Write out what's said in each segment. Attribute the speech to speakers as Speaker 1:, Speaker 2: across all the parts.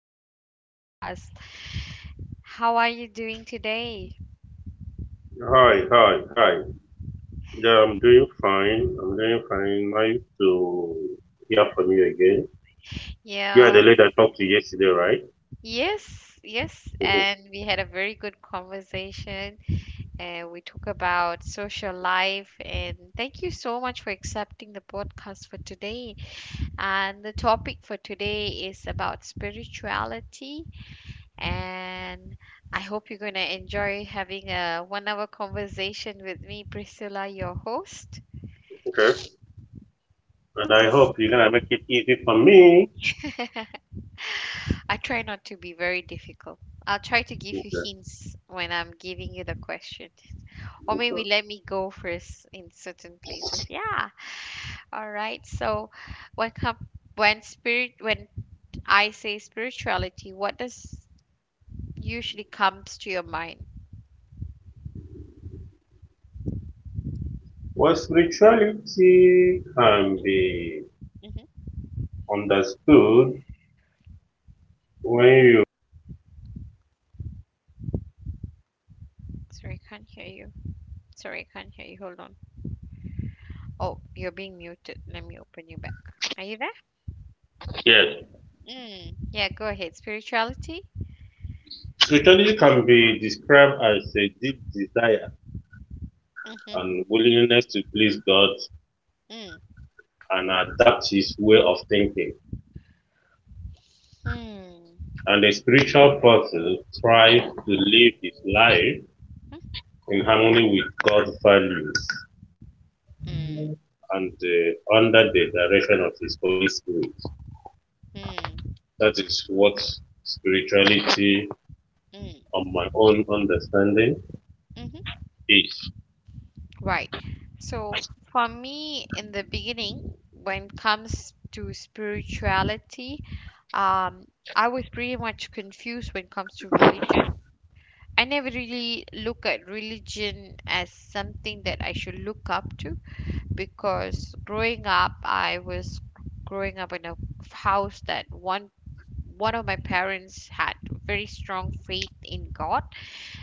Speaker 1: our podcast. How are you doing today?
Speaker 2: Hi, hi, hi. Yeah, I'm doing fine. I'm doing fine. Nice to hear from you again. You are the
Speaker 1: Yeah,
Speaker 2: lady I talked to yesterday, right?
Speaker 1: yes, yes.
Speaker 2: Mhm.
Speaker 1: And we had a very good conversation. And we talk about social life. And thank you so much for accepting the podcast for today. And the topic for today is about spirituality. And I hope you're going to enjoy having a 1 hour conversation with me, Priscilla, your host.
Speaker 2: Okay. And I hope you're gonna make it easy for me.
Speaker 1: I try not to be very difficult. I'll try to give you
Speaker 2: Okay.
Speaker 1: hints when I'm giving you the question. Or
Speaker 2: Okay.
Speaker 1: maybe let me go first in certain places. Yeah. All right. So when com- when I say spirituality, what does usually comes to your mind?
Speaker 2: Well, spirituality can be
Speaker 1: Mhm.
Speaker 2: understood when you
Speaker 1: Sorry, I can't hear you. Sorry, I can't hear you. Hold on. Oh, you're being muted. Let me open you back. Are you there?
Speaker 2: Yes.
Speaker 1: Mm. Yeah, go ahead. Spirituality?
Speaker 2: Spirituality can be described as a deep desire
Speaker 1: Mm-hmm.
Speaker 2: and willingness to please God
Speaker 1: Mm.
Speaker 2: and adapt his way of thinking.
Speaker 1: Hmm.
Speaker 2: And a spiritual person strives to live his life in harmony with God's values
Speaker 1: Mm.
Speaker 2: and under the direction of His Holy Spirit.
Speaker 1: Mm.
Speaker 2: That is what spirituality,
Speaker 1: Mm.
Speaker 2: on my own understanding,
Speaker 1: Mm-hmm.
Speaker 2: is.
Speaker 1: Right. So for me, in the beginning, when it comes to spirituality, um, I was pretty much confused when it comes to religion. I never really look at religion as something that I should look up to. Because growing up in a house that one of my parents had very strong faith in God,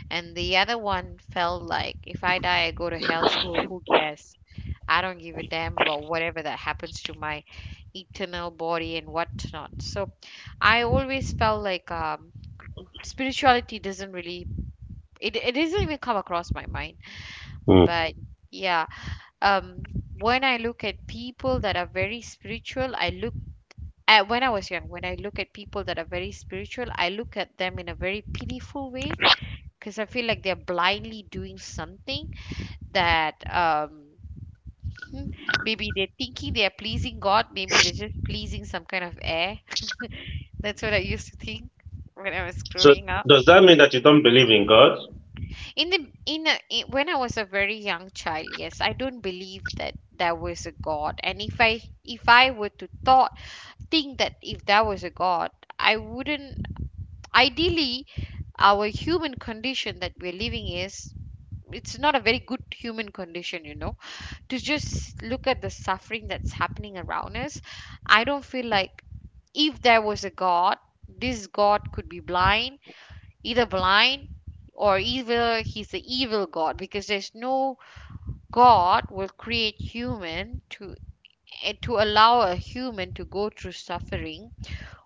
Speaker 1: and the other one felt like if I die, I go to hell, so who cares? I don't give a damn about whatever that happens to my eternal body and whatnot. So I always felt like spirituality doesn't really it doesn't even come across my mind.
Speaker 2: Hmm.
Speaker 1: But yeah, um when I look at people that are very spiritual, I look at when I was young, when I look at people that are very spiritual, I look at them in a very pitiful way because I feel like they're blindly doing something that hmm, maybe they're thinking they're pleasing God, maybe they're just pleasing some kind of air. That's what I used to think when I was
Speaker 2: So,
Speaker 1: growing up.
Speaker 2: does that mean that you don't believe in God?
Speaker 1: In the in, a, in When I was a very young child, yes, I don't believe that there was a God. And if I were to thought think that if there was a God, I wouldn't. Ideally, our human condition that we're living is it's not a very good human condition, you know, to just look at the suffering that's happening around us. I don't feel like if there was a God, this God could be blind, either blind or either he's the evil God, because there's no God will create human to to allow a human to go through suffering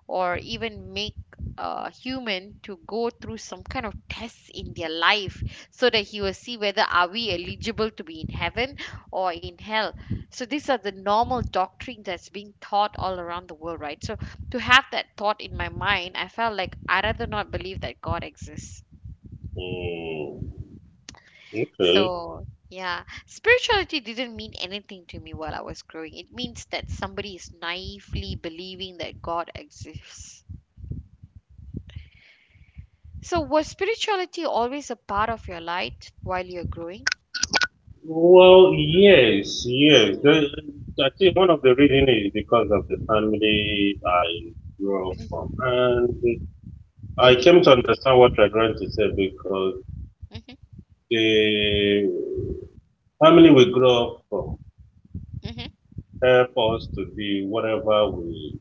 Speaker 1: or even make a human to go through some kind of tests in their life so that he will see whether are we eligible to be in heaven or in hell. So these are the normal doctrine that's being taught all around the world, right? So to have that thought in my mind, I felt like I rather not believe that God exists.
Speaker 2: Hmm. Okay.
Speaker 1: So yeah, spirituality didn't mean anything to me while I was growing. It means that somebody is naively believing that God exists. So, was spirituality always a part of your life while you're growing?
Speaker 2: Well, yes, yes.
Speaker 1: Mm.
Speaker 2: I think one of the reasons is because of the family I grew up from, and I
Speaker 1: Mhm,
Speaker 2: came to understand what you're trying to say because
Speaker 1: mhm,
Speaker 2: the family we grew up from
Speaker 1: mhm,
Speaker 2: help us to be whatever we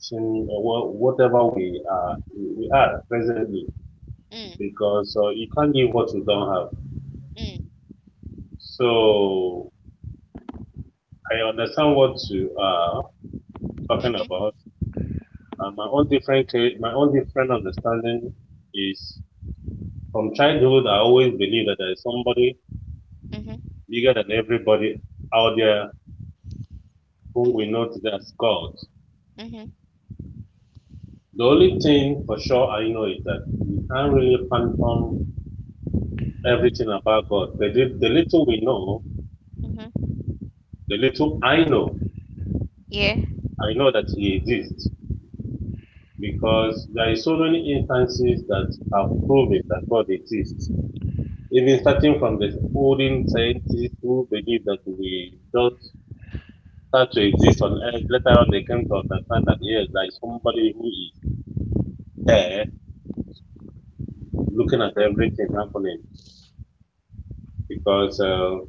Speaker 2: seem, whatever we are presently.
Speaker 1: mm,
Speaker 2: Because you can't give what you don't have.
Speaker 1: mm,
Speaker 2: So I understand what you are talking
Speaker 1: mhm,
Speaker 2: about. And my own different, my own different understanding is from childhood. I always believe that there is somebody
Speaker 1: mhm,
Speaker 2: bigger than everybody out there who
Speaker 1: mhm,
Speaker 2: we know today as God.
Speaker 1: mhm,
Speaker 2: The only thing for sure I know is that we can't really
Speaker 1: mhm,
Speaker 2: confirm everything about God, but the little we know,
Speaker 1: mhm.
Speaker 2: the little
Speaker 1: Yeah.
Speaker 2: I know that He exists because there are so many instances that have proven that God exists. Even starting from the olden scientists who believe that we don't start to exist on earth, later on they came to understand that yes, there is somebody who is there looking at
Speaker 1: True.
Speaker 2: everything happening because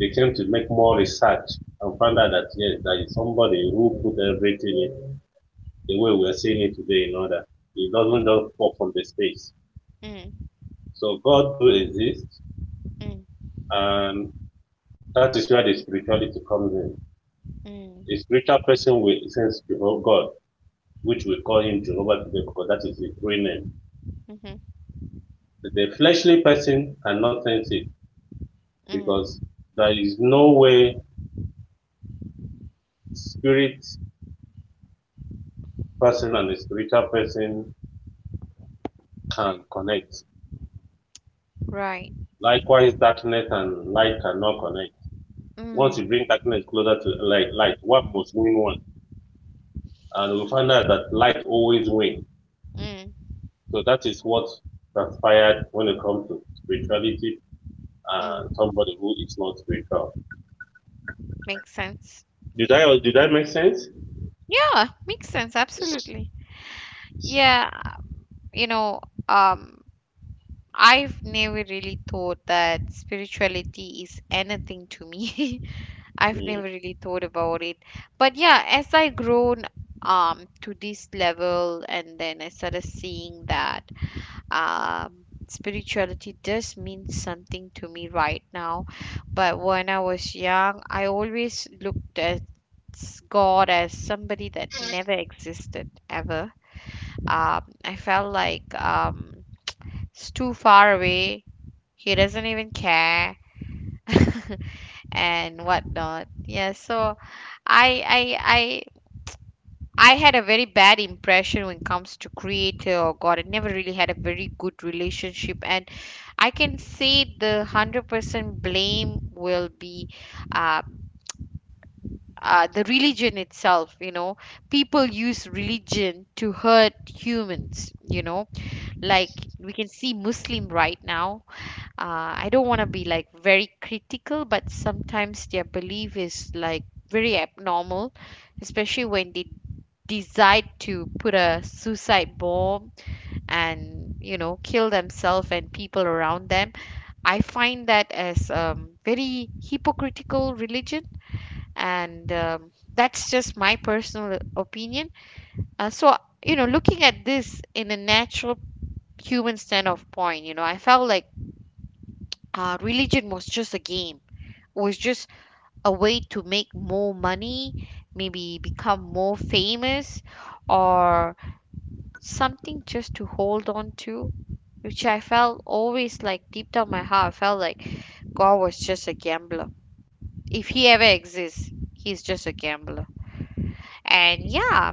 Speaker 2: they came to make more research and found out that yes, there is somebody who put everything in the way we are seeing it today in order. It
Speaker 1: Mm,
Speaker 2: doesn't just fall from the space.
Speaker 1: mm,
Speaker 2: So God do exist,
Speaker 1: mm,
Speaker 2: and that is where the spirituality comes in. A
Speaker 1: mm,
Speaker 2: spiritual person will sense God, which we call him Jehovah today because that is his real name.
Speaker 1: mhm,
Speaker 2: But a fleshly person cannot sense it because
Speaker 1: mm,
Speaker 2: there is no way spirit person and a spiritual person can connect.
Speaker 1: right.
Speaker 2: Likewise, darkness and light cannot connect. Once you
Speaker 1: Mm,
Speaker 2: bring darkness closer to light, light one must win one. And we find out that light always wins.
Speaker 1: mm,
Speaker 2: So that is what transpired when it comes to spirituality and
Speaker 1: mm.
Speaker 2: somebody who is not spiritual.
Speaker 1: Makes sense.
Speaker 2: Did that make sense?
Speaker 1: Yeah, makes sense. Absolutely. Yeah, you know, um, I've never really thought that spirituality is anything to me. I've never
Speaker 2: Mm.
Speaker 1: really thought about it. But yeah, as I grown to this level and then I started seeing that spirituality does mean something to me right now. But when I was young, I always looked at God as somebody that never existed ever. I felt like it's too far away. He doesn't even care. And whatnot. Yeah, so I I I I had a very bad impression when it comes to creator or God. I never really had a very good relationship, and I can say the 100% blame will be uh, the religion itself. You know, people use religion to hurt humans. You know, like we can see Muslim right now, I don't want to be like very critical, but sometimes their belief is like very abnormal, especially when they decide to put a suicide bomb and you know kill themselves and people around them. I find that as very hypocritical religion, and that's just my personal opinion. So you know, looking at this in a natural human standpoint, you know, I felt like religion was just a game was just a way to make more money, maybe become more famous, or something just to hold on to, which I felt always like deep down my heart, I felt like God was just a gambler. If he ever exists, he's just a gambler. And yeah,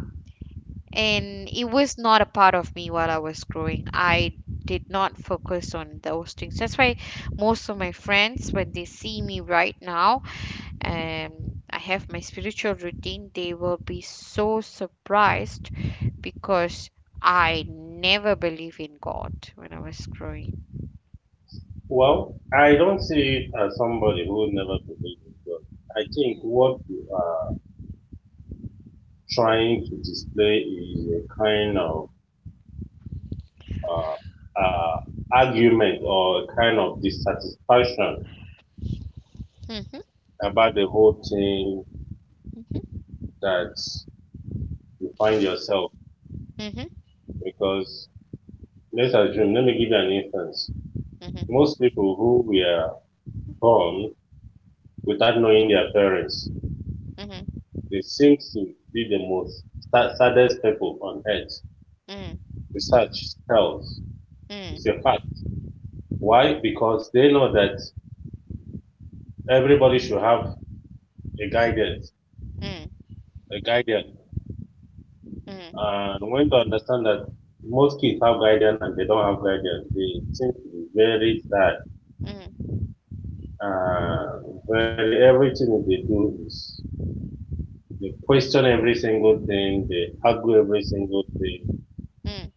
Speaker 1: and it was not a part of me while I was growing. I did not focus on those things. That's why most of my friends, when they see me right now, and I have my spiritual routine, they will be so surprised because I never believe in God when I was growing.
Speaker 2: Well, I don't see it as somebody who never believed in God. I think what you are trying to display is a kind of uh, uh, argument or a kind of dissatisfaction
Speaker 1: Mm-hmm,
Speaker 2: about the whole thing that you find yourself.
Speaker 1: mm-hmm,
Speaker 2: Because let's assume, let me give you an instance.
Speaker 1: mm-hmm, mm-hmm,
Speaker 2: Most people who were born without knowing their parents,
Speaker 1: mm-hmm,
Speaker 2: they seem to be the most saddest people on earth. Research tells it's
Speaker 1: mm.
Speaker 2: a fact. Why? Because they know that everybody should have a guidance,
Speaker 1: Mhm,
Speaker 2: a guidance.
Speaker 1: mhm,
Speaker 2: And when to understand that most kids have guardian and they don't have guardian, they seem to be very sad. Uh, very everything they do is they question every single thing, they argue every single thing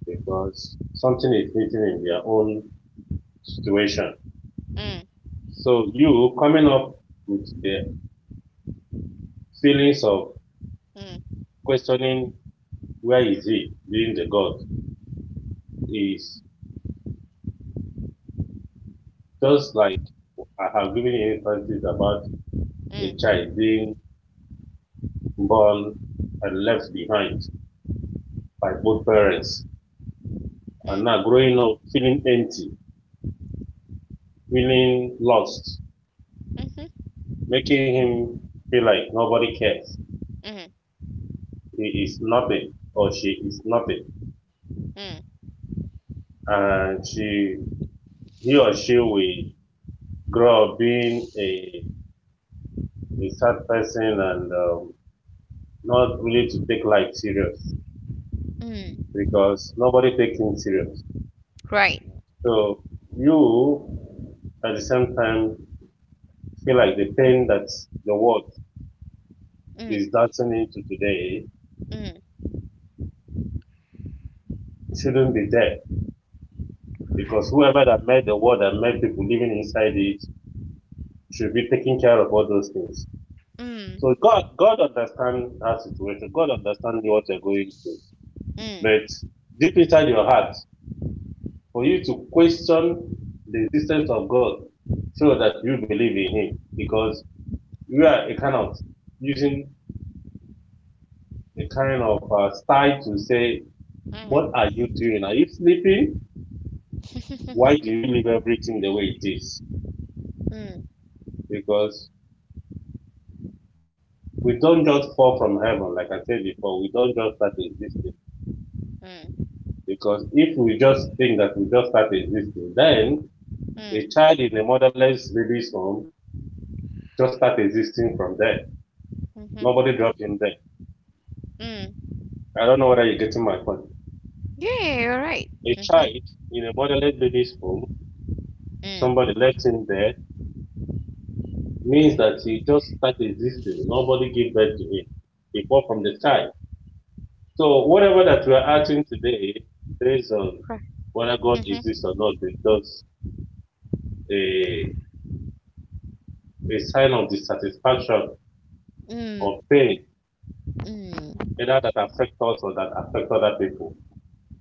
Speaker 2: because something is missing in their own situation.
Speaker 1: mhm, mhm, mhm, mm,
Speaker 2: So you coming up with the feelings of questioning where is he being the God is just like I have given you instances about
Speaker 1: mm, mm, mm, mm,
Speaker 2: a
Speaker 1: mm, mm, mm,
Speaker 2: child being born and left behind by both parents and
Speaker 1: mm,
Speaker 2: now growing up feeling empty, feeling lost, making him feel like nobody cares.
Speaker 1: mhm,
Speaker 2: He is nothing or she is nothing.
Speaker 1: mm,
Speaker 2: And she he or she will grow up being a sad person and not really to take life serious
Speaker 1: mm, mm.
Speaker 2: because nobody takes him serious.
Speaker 1: Right.
Speaker 2: So you at the same time feel like the pain that the world is
Speaker 1: Mm,
Speaker 2: dancing into today
Speaker 1: mm,
Speaker 2: shouldn't be there because whoever that made the world and made people living inside it should be taking care of all those things. So
Speaker 1: mm,
Speaker 2: God understands that situation. God understands what you're going through.
Speaker 1: mm,
Speaker 2: But deep inside your heart, for you to question the existence of God, show that you believe in Him because you are a kind of using a kind of style to say, what
Speaker 1: mm.
Speaker 2: are you doing? Are you sleeping? Why do you leave everything the way it is?
Speaker 1: Mm,
Speaker 2: Because we don't just fall from heaven, like I said before, we don't just start existing.
Speaker 1: mm,
Speaker 2: Because if we just think that we just start existing, then
Speaker 1: mm,
Speaker 2: a child in a motherless baby's home just start existing from there.
Speaker 1: mhm,
Speaker 2: Nobody dropped him there.
Speaker 1: mm.
Speaker 2: I don't know whether you're getting my point.
Speaker 1: Yeah, you're right.
Speaker 2: A
Speaker 1: Mm-hmm.
Speaker 2: child in a motherless baby's home,
Speaker 1: Mm.
Speaker 2: somebody left him there, means that he just start existing. Nobody give birth to him. He fall from the sky. So whatever that we are acting today, based on whether God
Speaker 1: Right.
Speaker 2: exists or not, it does a, a sign of dissatisfaction
Speaker 1: Mm,
Speaker 2: or pain,
Speaker 1: mm,
Speaker 2: either that affect us or that affect other people,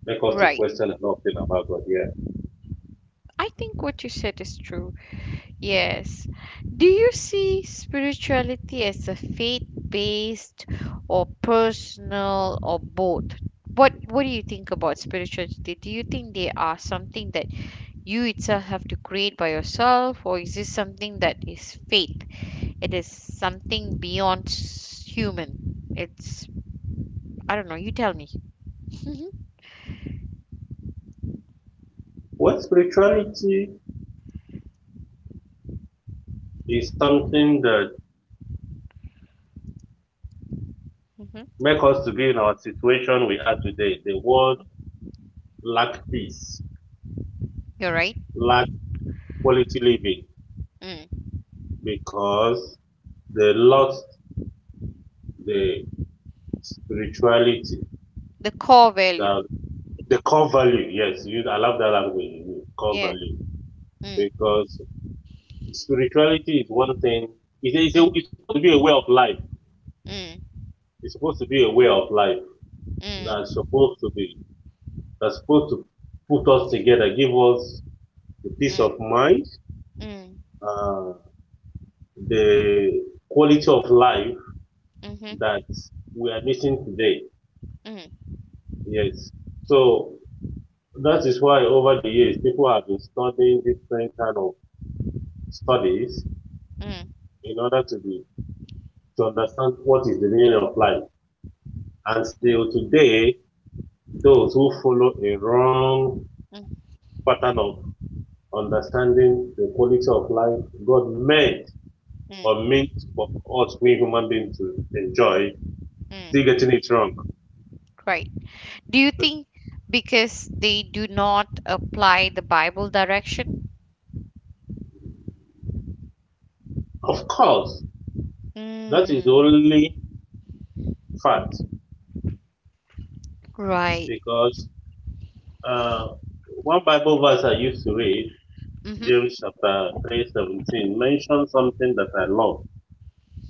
Speaker 2: make us to
Speaker 1: right.
Speaker 2: question a lot of things about God here.
Speaker 1: I think what you said is true. Yes. Do you see spirituality as a faith-based or personal or both? What do you think about spirituality? Do you think they are something that you itself have to create by yourself, or is this something that is faith? It is something beyond human. It's I don't know. You tell me.
Speaker 2: What spirituality is something that
Speaker 1: Hmm.
Speaker 2: make us to be in our situation we are today. The world lack peace,
Speaker 1: You're right.
Speaker 2: lack quality living
Speaker 1: Mm.
Speaker 2: because they lost the spirituality,
Speaker 1: The core value.
Speaker 2: the, the core value. Yes, you, I love that language, core
Speaker 1: Yeah.
Speaker 2: value.
Speaker 1: Mm,
Speaker 2: Because spirituality is one thing.
Speaker 1: mm,
Speaker 2: It's supposed to be a way of life.
Speaker 1: mm,
Speaker 2: It's supposed to be a way of life that's
Speaker 1: mm,
Speaker 2: supposed to be that's supposed to put us together, give us the peace
Speaker 1: mm,
Speaker 2: of mind,
Speaker 1: mm,
Speaker 2: uh, the quality of life
Speaker 1: mhm,
Speaker 2: that we are missing today.
Speaker 1: mm,
Speaker 2: Yes. So that is why over the years people have been studying different kind of studies
Speaker 1: mm,
Speaker 2: in order to understand what is the meaning of life. And
Speaker 1: mm,
Speaker 2: still today, those who follow a wrong
Speaker 1: mm,
Speaker 2: pattern of understanding the quality of life God meant or
Speaker 1: mm,
Speaker 2: meant for us, we human beings, to enjoy, still
Speaker 1: mm.
Speaker 2: getting it wrong.
Speaker 1: Right. Do you think because they do not apply the Bible direction?
Speaker 2: Of course, that is
Speaker 1: Mm,
Speaker 2: only fact
Speaker 1: right.
Speaker 2: because uh, one Bible verse I used to read,
Speaker 1: Mm-hmm.
Speaker 2: James chapter 3:17, mentions something that I love.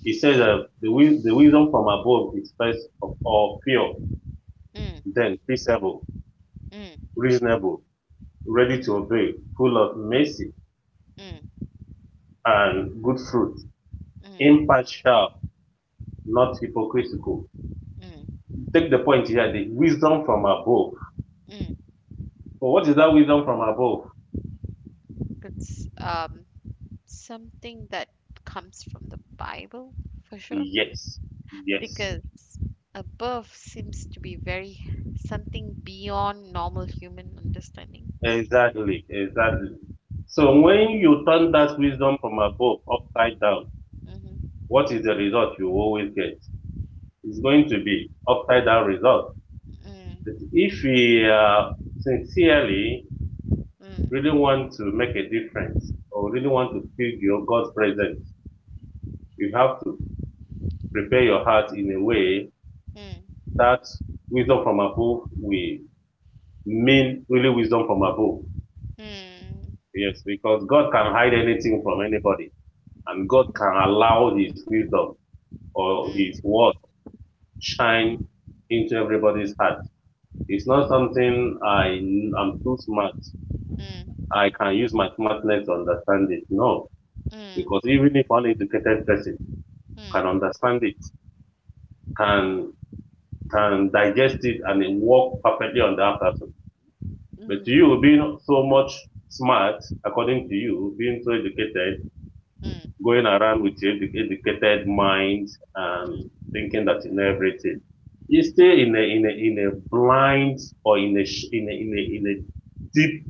Speaker 2: It says that the wisdom from above is first of all pure,
Speaker 1: Mm,
Speaker 2: then peaceable,
Speaker 1: mm,
Speaker 2: reasonable ready to
Speaker 1: mm,
Speaker 2: obey, full of mercy
Speaker 1: mm,
Speaker 2: and good fruit,
Speaker 1: mm,
Speaker 2: impartial, not hypocritical.
Speaker 1: mm,
Speaker 2: Take the point here, the wisdom from above.
Speaker 1: mm.
Speaker 2: So what is that wisdom from above?
Speaker 1: It's something that comes from the Bible for sure.
Speaker 2: Yes. Yes.
Speaker 1: Because above seems to be very something beyond normal human understanding.
Speaker 2: Exactly. Exactly. So
Speaker 1: Mm,
Speaker 2: when you turn that wisdom from above upside
Speaker 1: mm,
Speaker 2: down,
Speaker 1: mhm,
Speaker 2: what is the result you always get? It's going to be upside down result. But
Speaker 1: mm,
Speaker 2: if we sincerely really
Speaker 1: mm,
Speaker 2: want to make a difference or really want to feel your God's presence, you have to prepare your heart in a way
Speaker 1: mm,
Speaker 2: that wisdom from above will mean really wisdom from above.
Speaker 1: mm, mm,
Speaker 2: Yes, because God can hide anything from anybody, and God can allow His wisdom or His word shine into everybody's heart. It's not something I am too smart.
Speaker 1: mm, mm,
Speaker 2: I can use my smartness to understand it. No,
Speaker 1: mm,
Speaker 2: because even if uneducated person can understand it, can can digest it, and it work perfectly on that person. But
Speaker 1: mm,
Speaker 2: you being so much smart, according to you, being so educated,
Speaker 1: mm,
Speaker 2: going around with your educated mind and
Speaker 1: mm,
Speaker 2: thinking that you know everything, you stay in a blind or in a deep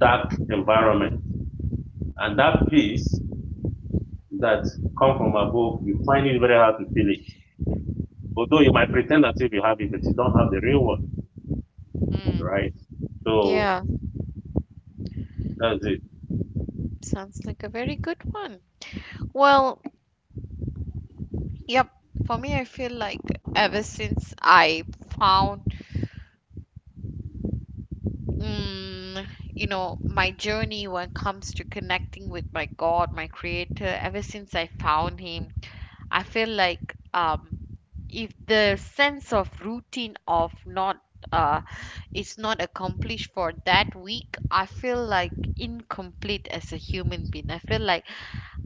Speaker 2: dark environment, and that peace that come from above, you find it very hard to feel it. Although you might pretend that if you have it, but you don't have the real one,
Speaker 1: mm.
Speaker 2: right? So
Speaker 1: Yeah,
Speaker 2: that's it.
Speaker 1: sounds like a very good one. Well, yep, for me, I feel like ever since I found, mm, you know, my journey when it comes to connecting with my God, my Creator, ever since I found Him, I feel like if the sense of routine of not uh, is not accomplished for that week, I feel like incomplete as a human being. I feel like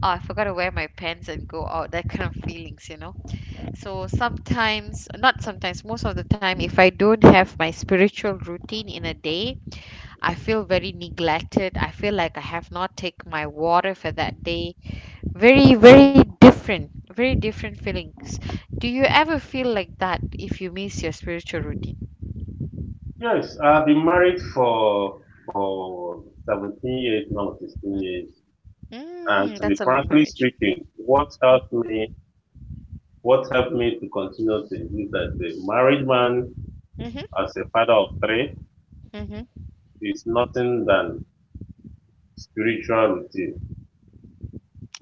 Speaker 1: oh, I forgot to wear my pants and go out. That kind of feelings, you know. So sometimes, not sometimes, most of the time, if I don't have my spiritual routine in a day, I feel very neglected. I feel like I have not taken my water for that day. Very, very different feelings. Do you ever feel like that if you miss your spiritual routine?
Speaker 2: Yes, I've been married for 17 years now, 16 years. And
Speaker 1: Mm,
Speaker 2: to be
Speaker 1: that's a long
Speaker 2: frankly
Speaker 1: marriage.
Speaker 2: speaking, what helped me to continue to exist as a married man,
Speaker 1: Mhm.
Speaker 2: as a father of three,
Speaker 1: Mhm.
Speaker 2: is nothing than spiritual routine.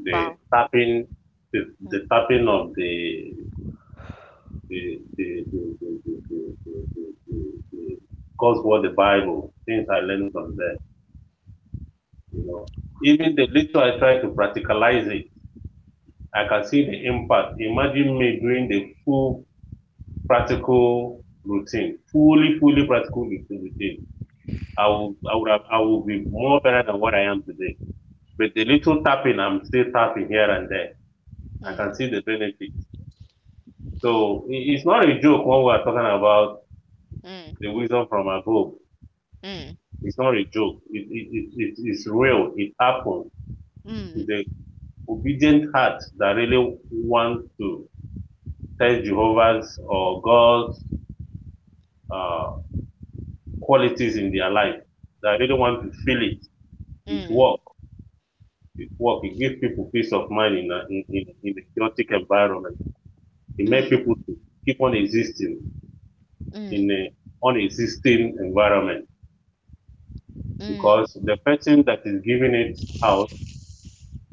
Speaker 2: The
Speaker 1: Wow.
Speaker 2: tapping, the,
Speaker 1: Mm.
Speaker 2: the tapping of the the the the the, the, the, the, the God's word, the Bible, things I learned from there, you know. Even the little I try to practicalize it I can see the impact. Imagine me doing the full practical routine, fully practical routine. I will, I would have, I will be more better than what I am today. But the little tapping, I'm still tapping here and there. I can
Speaker 1: Mm.
Speaker 2: see the benefit. So it's not a joke when we are talking about the wisdom from above.
Speaker 1: Mm.
Speaker 2: It's not a joke. It's real. It happens to
Speaker 1: Mm.
Speaker 2: the obedient heart that really wants to test Jehovah's or God's uh, qualities in their life that I really want to feel it. It
Speaker 1: Mm. Mm.
Speaker 2: work. It work. It gives people peace of mind in in a chaotic environment. It makes
Speaker 1: Mm.
Speaker 2: people to keep on existing in a unexisting environment
Speaker 1: Mm. Mm.
Speaker 2: because the person that is giving it out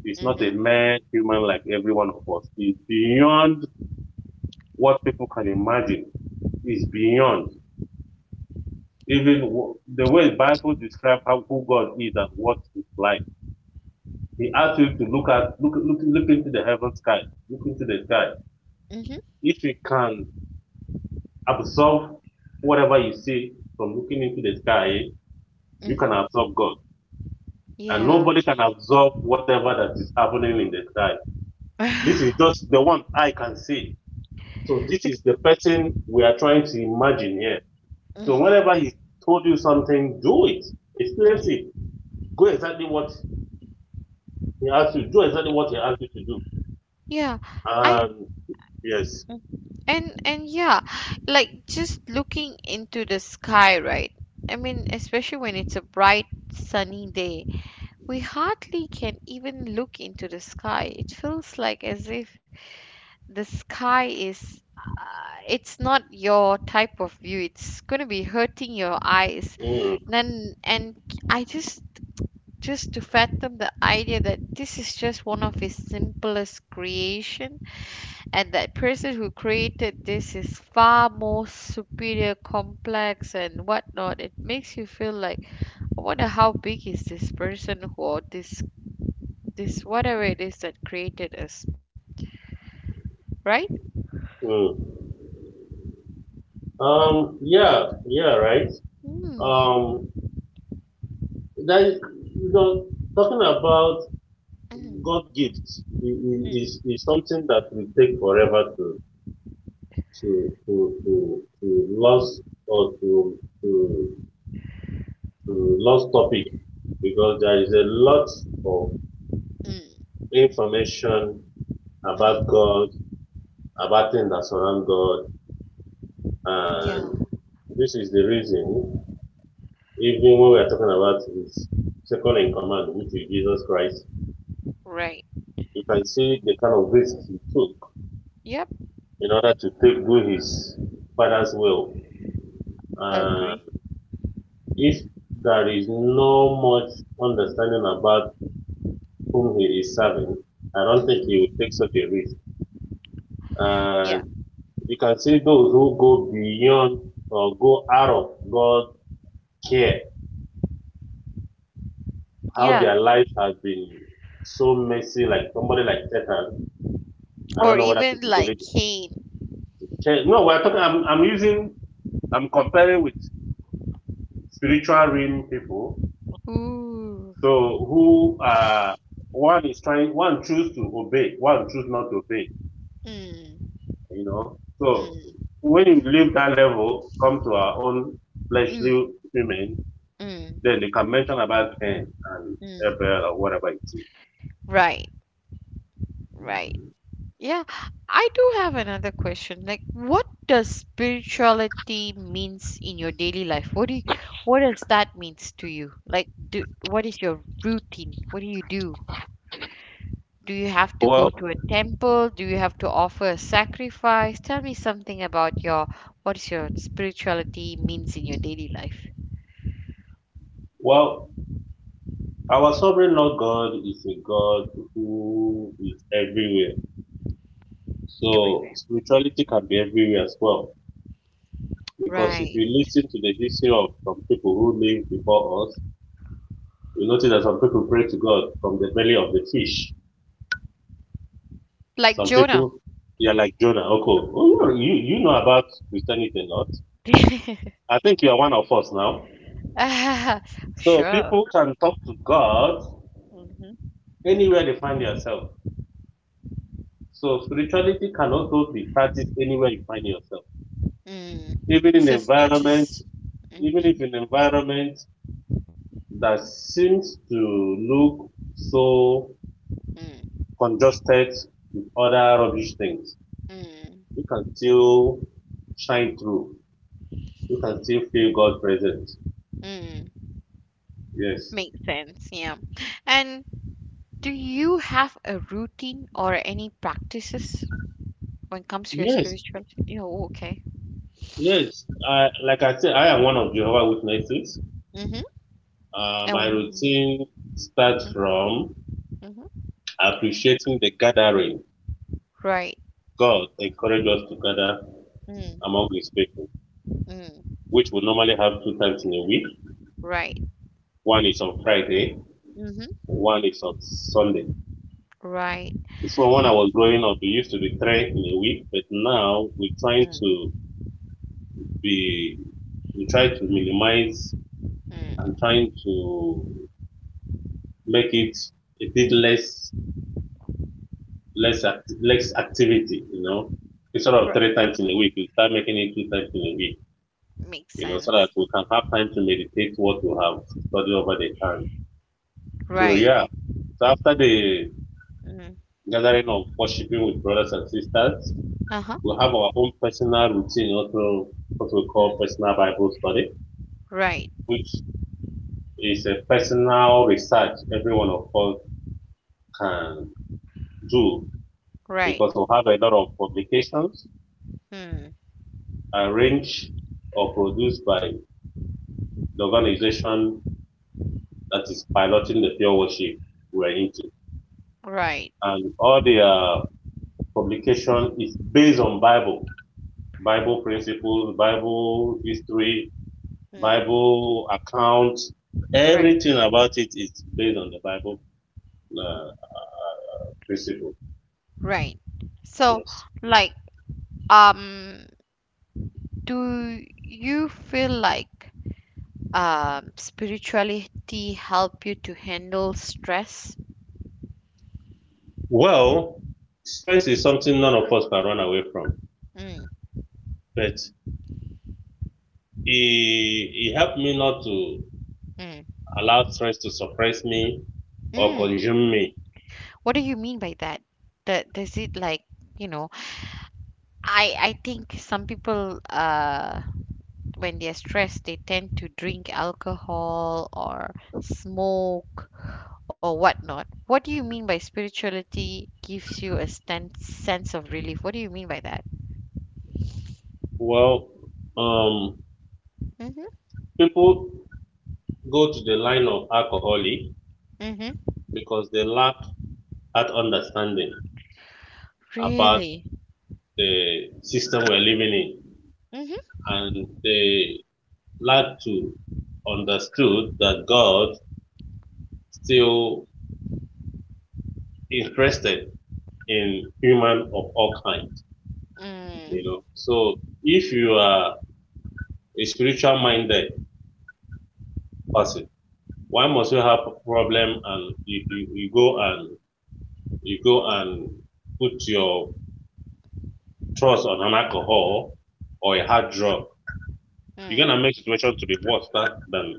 Speaker 2: is not a mere human like every one of us. It's beyond what people can imagine. It's beyond even the way the Bible describes how who God is and what is like. He asks you to look into the heaven sky, look into the sky.
Speaker 1: Mhm. Mhm.
Speaker 2: If you can absorb whatever you see from looking into the sky, you can
Speaker 1: Mm.
Speaker 2: absorb God. And
Speaker 1: Yeah.
Speaker 2: nobody can absorb whatever that is happening in the sky. This is
Speaker 1: Bec-.
Speaker 2: just the one I can see. So this is the person we are trying to imagine here. So
Speaker 1: Mm.
Speaker 2: whenever he told you something, do it. Experience it.
Speaker 1: Mm.
Speaker 2: Go exactly what he asked you. Do exactly what he asked you to do.
Speaker 1: Yeah. I
Speaker 2: And yes.
Speaker 1: mm. And yeah, Like just looking into the sky, right? I mean, especially when it's a bright sunny day, we hardly can even look into the sky. It feels like as if the sky is it's not your type of view, it's going to be hurting your eyes.
Speaker 2: Mm,
Speaker 1: Then and I just to fathom the idea that this is just one of his simplest creation, and that person who created this is far more superior complex and whatnot. It makes you feel like I wonder how big is this person who or this whatever it is that created us, right?
Speaker 2: mm. Yeah, yeah, right.
Speaker 1: Mm,
Speaker 2: Um, that, you know, talking about
Speaker 1: mm,
Speaker 2: God gifts i- i- is
Speaker 1: mm,
Speaker 2: is something that will take forever to to lost or to lost topic, because there is a lot of
Speaker 1: mm.
Speaker 2: information about
Speaker 1: Mm.
Speaker 2: God, about things that surround God,
Speaker 1: Yeah.
Speaker 2: and this is the reason even when we are talking about His second in command, which is Jesus Christ.
Speaker 1: Right.
Speaker 2: You can see the kind of risk he took
Speaker 1: Yep.
Speaker 2: in order to do his father's will. Uh,
Speaker 1: Agree.
Speaker 2: if there is no much understanding about whom he is serving, I don't think he
Speaker 1: Mm-hmm.
Speaker 2: would take such a risk. And
Speaker 1: Yeah.
Speaker 2: you can see those who go beyond or go out of God's care, how
Speaker 1: Yeah.
Speaker 2: their life has been so messy, like somebody like Satan. I don't
Speaker 1: Or
Speaker 2: know whether
Speaker 1: even
Speaker 2: people
Speaker 1: like
Speaker 2: believe
Speaker 1: cane.
Speaker 2: it. Okay, no, we're talking, I'm comparing with spiritual realm people.
Speaker 1: Ooh.
Speaker 2: So who one is trying, one choose to obey, one choose not to obey,
Speaker 1: Mm.
Speaker 2: you know. So
Speaker 1: Mm.
Speaker 2: when you leave that level, come to our own fleshly
Speaker 1: Mm.
Speaker 2: women,
Speaker 1: Mm.
Speaker 2: then they can mention about Cain and
Speaker 1: Mm.
Speaker 2: Abel or whatever it is.
Speaker 1: Right. Right. Yeah. I do have another question. Like, what does spirituality means in your daily life? What does that means to you? Like, do, what is your routine? What do you do? Do you have to
Speaker 2: Well,
Speaker 1: go to a temple? Do you have to offer a sacrifice? Tell me something about your what is your spirituality means in your daily life.
Speaker 2: Well, our sovereign Lord God is a God who is everywhere. So
Speaker 1: Everywhere.
Speaker 2: spirituality can be everywhere as well. Because if
Speaker 1: Right.
Speaker 2: you listen to the history of some people who lived before us, you notice that some people pray to God from the belly of the fish.
Speaker 1: Like
Speaker 2: Some
Speaker 1: Jonah.
Speaker 2: people, they are like Jonah. Okay, well, you know about Christianity a lot. I think you are one of us now.
Speaker 1: Ah,
Speaker 2: So
Speaker 1: sure.
Speaker 2: people can talk to God
Speaker 1: Mm-hmm.
Speaker 2: anywhere they find themselves. So spirituality can also be practiced anywhere you find yourself,
Speaker 1: Mm.
Speaker 2: even in
Speaker 1: Just not
Speaker 2: environment,
Speaker 1: just.
Speaker 2: even
Speaker 1: Mm-hmm.
Speaker 2: if in environment that seems to look so
Speaker 1: Mm.
Speaker 2: congested with other rubbish things,
Speaker 1: Mm.
Speaker 2: you can still shine through. You can still feel God present.
Speaker 1: Mm.
Speaker 2: Yes.
Speaker 1: Makes sense. Yeah. And do you have a routine or any practices when it comes to your
Speaker 2: Yes,
Speaker 1: spirituality? Oh, okay.
Speaker 2: yes. I, like I said, I am one of Jehovah Witnesses.
Speaker 1: Mm-hmm.
Speaker 2: My
Speaker 1: Um,
Speaker 2: routine starts from
Speaker 1: mm-hmm.
Speaker 2: appreciating the gathering.
Speaker 1: Right.
Speaker 2: God encouraged us to gather
Speaker 1: Mm.
Speaker 2: among His people,
Speaker 1: Mm.
Speaker 2: which we normally have two times in a week.
Speaker 1: Right.
Speaker 2: One is on Friday,
Speaker 1: Mm-hmm.
Speaker 2: one is on Sunday.
Speaker 1: Right.
Speaker 2: So when I was growing up, it used to be three in a week, but now we're trying
Speaker 1: Mm.
Speaker 2: to be, we try to minimize and
Speaker 1: Mm.
Speaker 2: trying to make it a bit
Speaker 1: Mm-hmm.
Speaker 2: less, less activity, instead of
Speaker 1: Right.
Speaker 2: three times in a week, we start making it two times in a week,
Speaker 1: Makes
Speaker 2: so that
Speaker 1: sense.
Speaker 2: we can have time to meditate what we have studied over the time. So
Speaker 1: Right.
Speaker 2: yeah, so after the
Speaker 1: Mm.
Speaker 2: gathering of worshiping with brothers and sisters,
Speaker 1: Uh-huh.
Speaker 2: we have our own personal routine, also what we call
Speaker 1: Mm.
Speaker 2: personal Bible study,
Speaker 1: Right.
Speaker 2: which is a personal research every one of us can do,
Speaker 1: Right.
Speaker 2: because we have a lot of publications
Speaker 1: Mm.
Speaker 2: arranged or produced by the organization that is piloting the pure worship we're into.
Speaker 1: Right.
Speaker 2: And all their publication is based on Bible,
Speaker 1: Mhm.
Speaker 2: Bible principles, Bible history,
Speaker 1: Mm.
Speaker 2: Bible accounts.
Speaker 1: Right.
Speaker 2: Everything about it is based on the Bible uh, principle.
Speaker 1: Right. So,
Speaker 2: Yes.
Speaker 1: like, um, do you feel like spirituality help you to handle stress?
Speaker 2: Well, stress is something none of us can run away from,
Speaker 1: Mm.
Speaker 2: but it helped me not to
Speaker 1: Mm.
Speaker 2: allow stress to suppress me or
Speaker 1: Mm.
Speaker 2: consume me.
Speaker 1: What do you mean by that? That does it like you know I think some people when they're stressed they tend to drink alcohol or smoke or whatnot. What do you mean by spirituality gives you a sense of relief? What do you mean by that?
Speaker 2: Well, um,
Speaker 1: Mm-hmm.
Speaker 2: people go to the line of alcoholic
Speaker 1: Mm-hmm.
Speaker 2: because they lack that understanding about
Speaker 1: Really?
Speaker 2: the system we're living in,
Speaker 1: Mm-hmm.
Speaker 2: and they lack to understood that God still interested in human of all kinds. You
Speaker 1: Mm.
Speaker 2: know, so if you are a spiritual minded person, why must you have a problem and you go and put your trust on an alcohol or a hard drug? You're
Speaker 1: Mm.
Speaker 2: gonna make situation to be worse than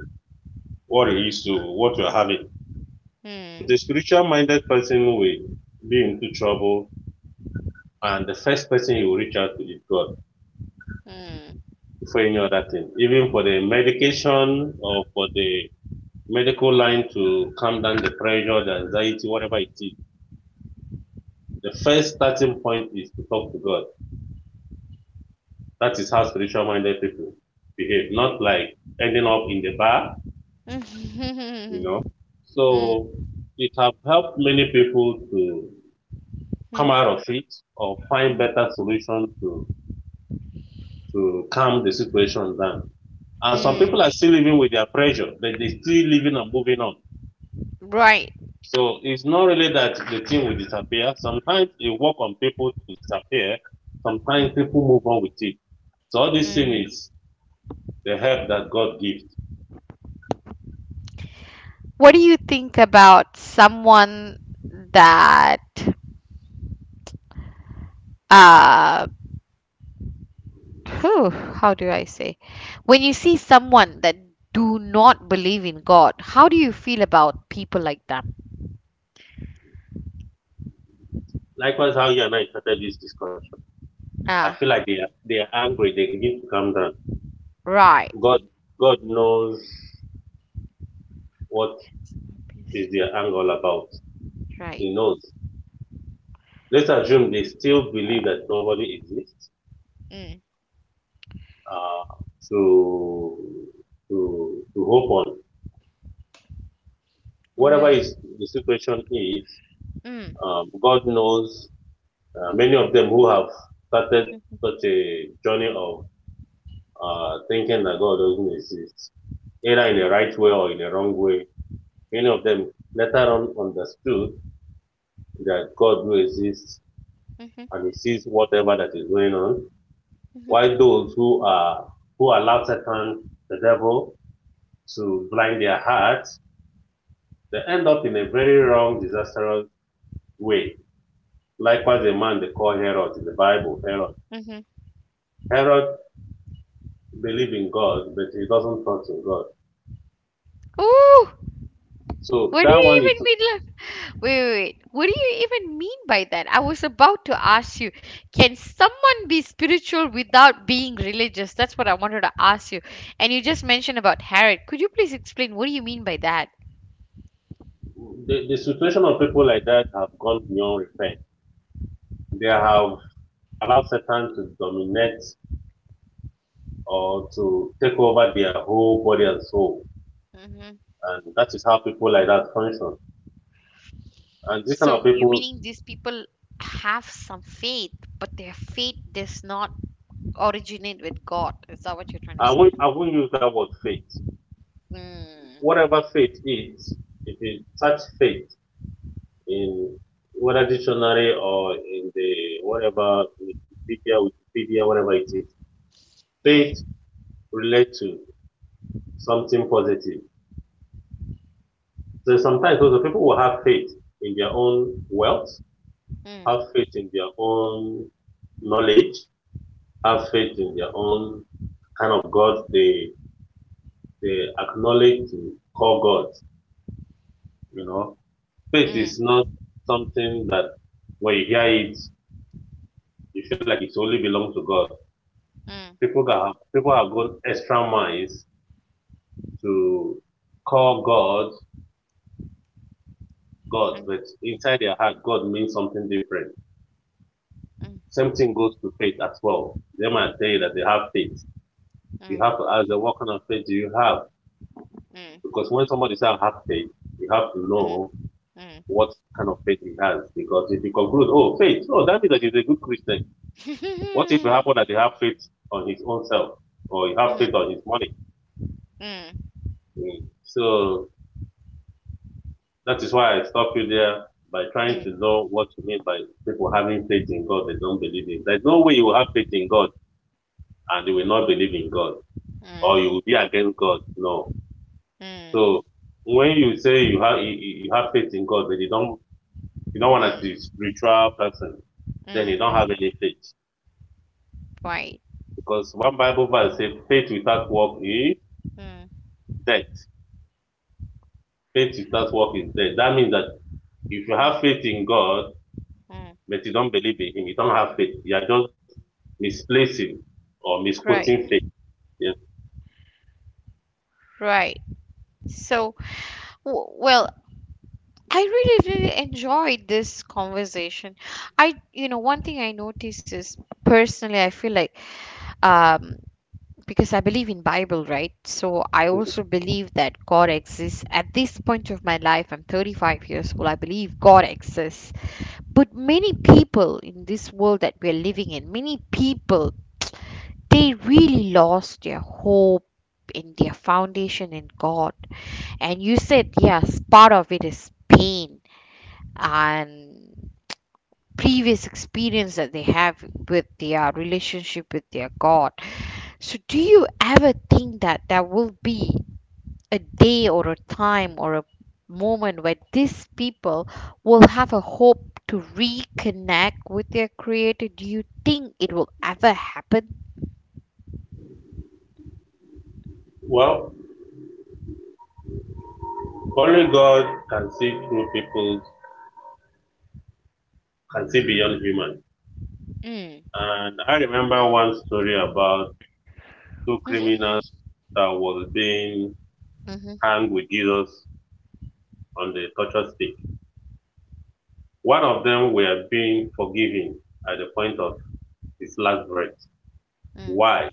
Speaker 2: what it is, to what you're having. But the
Speaker 1: Mm.
Speaker 2: spiritual minded person will be into trouble, and the first person you will reach out to is God
Speaker 1: Mm.
Speaker 2: before any other thing. Even for the medication or for the medical line to calm down the pressure, the anxiety, whatever it is. The first starting point is to talk to God. That is how spiritual minded people behave, not like ending up in the bar, you
Speaker 1: Mm.
Speaker 2: know.
Speaker 1: Mm.
Speaker 2: So it have helped many people to
Speaker 1: Mm.
Speaker 2: come out of it or find
Speaker 1: Mm.
Speaker 2: better solution to calm the situation down. And some people
Speaker 1: Mm.
Speaker 2: are still living with their pressure, but they still living and moving on.
Speaker 1: Right.
Speaker 2: So it's not really that the thing will disappear. Sometimes it work on people to disappear.
Speaker 1: Mm.
Speaker 2: Sometimes people move on with it. So all this thing
Speaker 1: Mm.
Speaker 2: is the help that God gives.
Speaker 1: What do you think about someone that uh whew, how do I say? When you see someone that do not believe in God, how do you feel about people like them?
Speaker 2: Likewise, how you and I started this discussion. I
Speaker 1: Ah,
Speaker 2: feel like they are angry. They need to calm down.
Speaker 1: right.
Speaker 2: God, God knows what is their anger all about.
Speaker 1: Right.
Speaker 2: He knows. Let's assume they still believe that nobody exists
Speaker 1: Mm,
Speaker 2: uh, to, to hope on. Whatever
Speaker 1: right.
Speaker 2: is the situation is,
Speaker 1: Mm.
Speaker 2: God knows many of them who have started
Speaker 1: Hmm.
Speaker 2: such a journey of thinking that God doesn't exist, either in a right way or in a wrong way, many of them later on understood that God do exist
Speaker 1: Hmm.
Speaker 2: and He sees whatever that is going on, while
Speaker 1: Mm-hmm.
Speaker 2: those who allow Satan, the devil, to blind their hearts, they end up in a very wrong, disastrous way. Likewise, a man they call Herod in the Bible, Herod.
Speaker 1: Hmm.
Speaker 2: Herod believed in God, but he doesn't trust in God.
Speaker 1: Ooh,
Speaker 2: So
Speaker 1: what do
Speaker 2: that
Speaker 1: you
Speaker 2: one
Speaker 1: even
Speaker 2: is
Speaker 1: mean? Wait. What do you even mean by that? I was about to ask you, can someone be spiritual without being religious? That's what I wanted to ask you. And you just mentioned about Herod. Could you please explain what do you mean by that?
Speaker 2: the situation of people like that have gone beyond repent. They have allowed Satan to dominate or to take over their whole body and soul.
Speaker 1: Hmm.
Speaker 2: And that is how people like that function. And this kind
Speaker 1: So
Speaker 2: of
Speaker 1: you
Speaker 2: people,
Speaker 1: meaning these people have some faith, but their faith does not originate with God. Is that what you're trying to
Speaker 2: I
Speaker 1: say?
Speaker 2: won't, I won't use that word faith.
Speaker 1: Mm.
Speaker 2: Whatever faith is, if you search faith in whether dictionary or in the whatever Wikipedia, whatever it is, faith
Speaker 1: Mm.
Speaker 2: relates to something positive. So sometimes also people will have faith in their own wealth,
Speaker 1: Mm.
Speaker 2: have faith in their own knowledge, have faith in their own kind of God they acknowledge to call God. You know, faith
Speaker 1: mm,
Speaker 2: is not something that when you hear it, you feel like it only belongs to God.
Speaker 1: mm,
Speaker 2: People have got extra minds to call God God,
Speaker 1: mm,
Speaker 2: but inside their heart, God means something different.
Speaker 1: mm,
Speaker 2: Same thing goes to faith as well. They might tell you that they have faith. You have to ask them, what kind of faith do you have?
Speaker 1: mm,
Speaker 2: Because when somebody says, I have faith, you have to
Speaker 1: mm,
Speaker 2: know
Speaker 1: mm,
Speaker 2: what kind of faith he has. Because if you conclude, oh, faith, oh, that means that he's a good Christian. What if it
Speaker 1: mm.
Speaker 2: happen that you have faith on his own self or you have faith
Speaker 1: Mm,
Speaker 2: on his money?
Speaker 1: mm,
Speaker 2: Mm. So that is why I stop you there, by trying to
Speaker 1: mm,
Speaker 2: know what you mean by people having faith in God they don't believe in. There's no way you will have faith in God and you will not believe in God, or you
Speaker 1: Mm,
Speaker 2: will be against God. No.
Speaker 1: mm,
Speaker 2: So when you say you have faith in God but you don't want to be
Speaker 1: mm,
Speaker 2: a spiritual person, then you don't
Speaker 1: mm.
Speaker 2: have any faith.
Speaker 1: Right.
Speaker 2: Because one Bible verse says faith without work is
Speaker 1: Mm,
Speaker 2: dead, faith without work is dead. That means that if you
Speaker 1: mm.
Speaker 2: have faith in God,
Speaker 1: Mm.
Speaker 2: but you don't believe in Him, you don't have faith. You are just misplacing or
Speaker 1: Right,
Speaker 2: misquoting faith. Yes.
Speaker 1: right. So, w well, I really, really enjoyed this conversation. One thing I notice is personally, I feel like, um, because I believe in Bible, right? So I also believe that God exists. At this point of my life, I'm 35 years old. I believe God exists. But many people in this world that we're living in, many people they really lost their hope in their foundation in God. And you said, yes, part of it is pain and previous experience that they have with their relationship with their God. So, do you ever think that there will be a day or a time or a moment where these people will have a hope to reconnect with their Creator? Do you think it will ever happen?
Speaker 2: Well, only God can see through people, can see beyond human.
Speaker 1: Mm.
Speaker 2: And I remember one story about two
Speaker 1: Mm-hmm.
Speaker 2: criminals that was being
Speaker 1: Mm-hmm.
Speaker 2: hanged with Jesus on the torture stick. One of them were being forgiven at the point of his last breath. Why?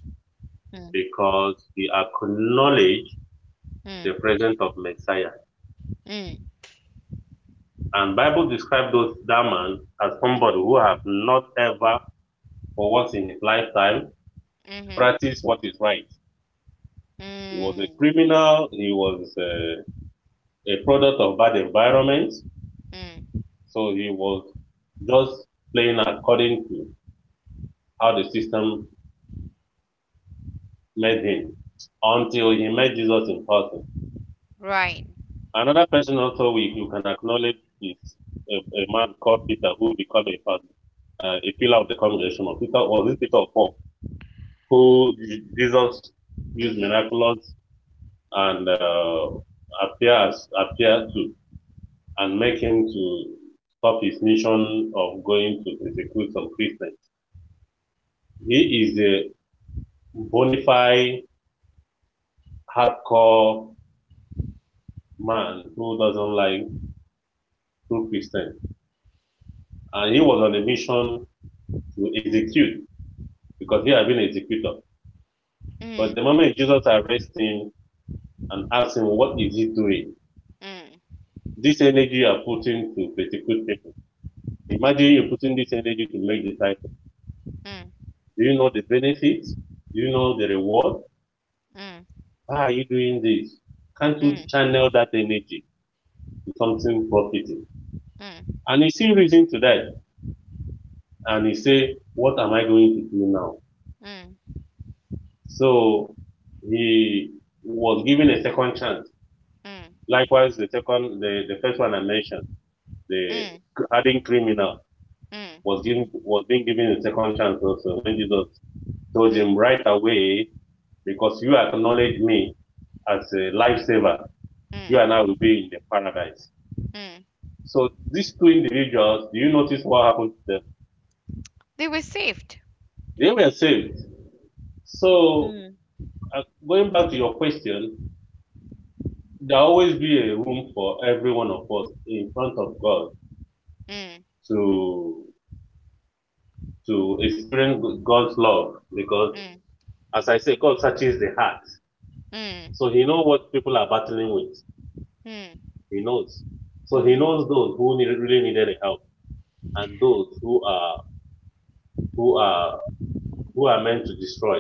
Speaker 1: Mm.
Speaker 2: Because he acknowledged
Speaker 1: Mm.
Speaker 2: the presence of Messiah.
Speaker 1: mm,
Speaker 2: And Bible describes those that man as
Speaker 1: mm,
Speaker 2: somebody who have not ever for once in his lifetime
Speaker 1: mhm.
Speaker 2: practiced what is right. He was a
Speaker 1: mm,
Speaker 2: criminal. He was a product of bad environment.
Speaker 1: mm,
Speaker 2: So he was just playing according to how the system made him until he met Jesus in person.
Speaker 1: right.
Speaker 2: Another person also we you can acknowledge is a man called Peter who became a pillar of the congregation of Peter. Was it Peter of Paul? Who Jesus used
Speaker 1: Mhm.
Speaker 2: miraculous and appear to and make him to stop his mission of going to persecute some Christians. He is a bona fide hardcore man who doesn't like true Christians, and he was on a mission to
Speaker 1: mm,
Speaker 2: execute because he had been executor. But
Speaker 1: mm,
Speaker 2: the moment Jesus arrested him and asked him, "What is he doing?
Speaker 1: mm,
Speaker 2: This energy you are putting to persecute people,
Speaker 1: mhm,
Speaker 2: imagine you're putting this energy to make disciples.
Speaker 1: mm,
Speaker 2: Do you know the benefits? Do you know the reward?
Speaker 1: mm,
Speaker 2: Why are you doing this? Can't you
Speaker 1: mm,
Speaker 2: channel that energy to something profitable?"
Speaker 1: mm, mm,
Speaker 2: And he see reason to that. And he say, what am I going to do now?
Speaker 1: mm,
Speaker 2: So he was given a second chance. Likewise, the first one I mentioned, the
Speaker 1: mm,
Speaker 2: adding criminal was
Speaker 1: mm,
Speaker 2: given, was being given a second chance also when Jesus told
Speaker 1: mm,
Speaker 2: him right away, because you acknowledge me as a lifesaver, you and
Speaker 1: mm,
Speaker 2: I will be in the paradise.
Speaker 1: mm.
Speaker 2: So these two individuals, do you notice what happened to them?
Speaker 1: They were saved.
Speaker 2: They were saved. So
Speaker 1: Mm,
Speaker 2: uh, going back to your question, there will always be a room for every one of us in front of God
Speaker 1: mm,
Speaker 2: to to experience God's love because,
Speaker 1: mm,
Speaker 2: as I say, God searches the heart.
Speaker 1: mm,
Speaker 2: So He knows what people are battling with.
Speaker 1: mm,
Speaker 2: He knows. So He
Speaker 1: mm,
Speaker 2: knows those who need, really needed help and those who are who are who are meant to destroy.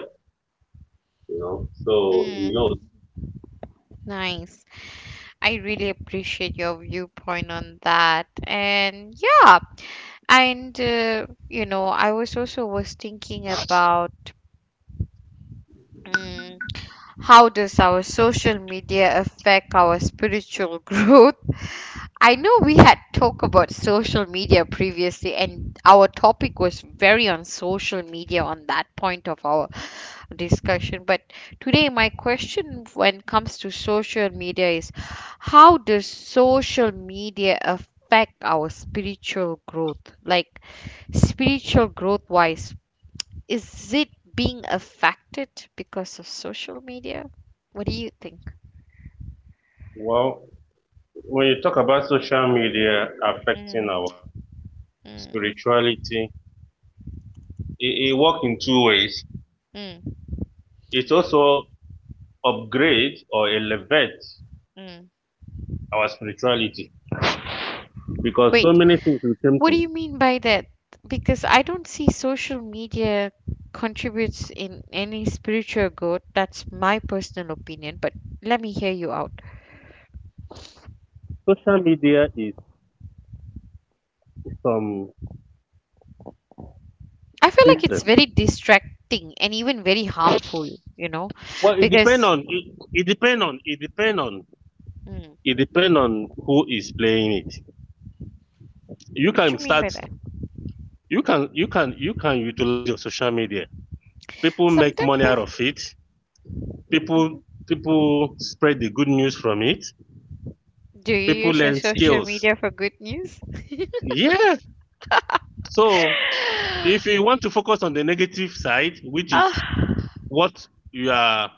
Speaker 2: You know. So he knows.
Speaker 1: mm. Nice. I really appreciate your viewpoint on that. And yeah, and you know, I was also was thinking about. Mm. How does our social media affect our spiritual growth? I know we had talked about social media previously, and our topic was very on social media on that point of our discussion. But today, my question when it comes to social media is how does social media affect our spiritual growth? Like, spiritual growth wise, is it being affected because of social media? What do you think?
Speaker 2: Well, when you talk about social media affecting
Speaker 1: Mm,
Speaker 2: our
Speaker 1: mm,
Speaker 2: spirituality, it works in two ways.
Speaker 1: mm,
Speaker 2: It also upgrades or
Speaker 1: mm,
Speaker 2: elevates
Speaker 1: mm.
Speaker 2: our spirituality because so
Speaker 1: Wait,
Speaker 2: many things we came
Speaker 1: what do
Speaker 2: to.
Speaker 1: you mean by that? Because I don't see social media contributes in any spiritual growth. That's my personal opinion, but let me hear you out.
Speaker 2: Social media is some
Speaker 1: I feel like it's
Speaker 2: system.
Speaker 1: very distracting and even very harmful, you know,
Speaker 2: Well, it depends
Speaker 1: because
Speaker 2: on it, it depends on it Depends on
Speaker 1: mm,
Speaker 2: it depends on who is playing it. You
Speaker 1: what
Speaker 2: can
Speaker 1: you mean by
Speaker 2: start.
Speaker 1: that?
Speaker 2: You can utilize your social media. People make
Speaker 1: Sometimes
Speaker 2: money
Speaker 1: I
Speaker 2: out
Speaker 1: f-
Speaker 2: of it.
Speaker 1: Mhm.
Speaker 2: People spread the good news from it.
Speaker 1: Do you
Speaker 2: People
Speaker 1: use your
Speaker 2: learn
Speaker 1: social
Speaker 2: skills.
Speaker 1: media for good news?
Speaker 2: Yeah. So if you want to focus on the negative side, which is
Speaker 1: Ah.
Speaker 2: what you are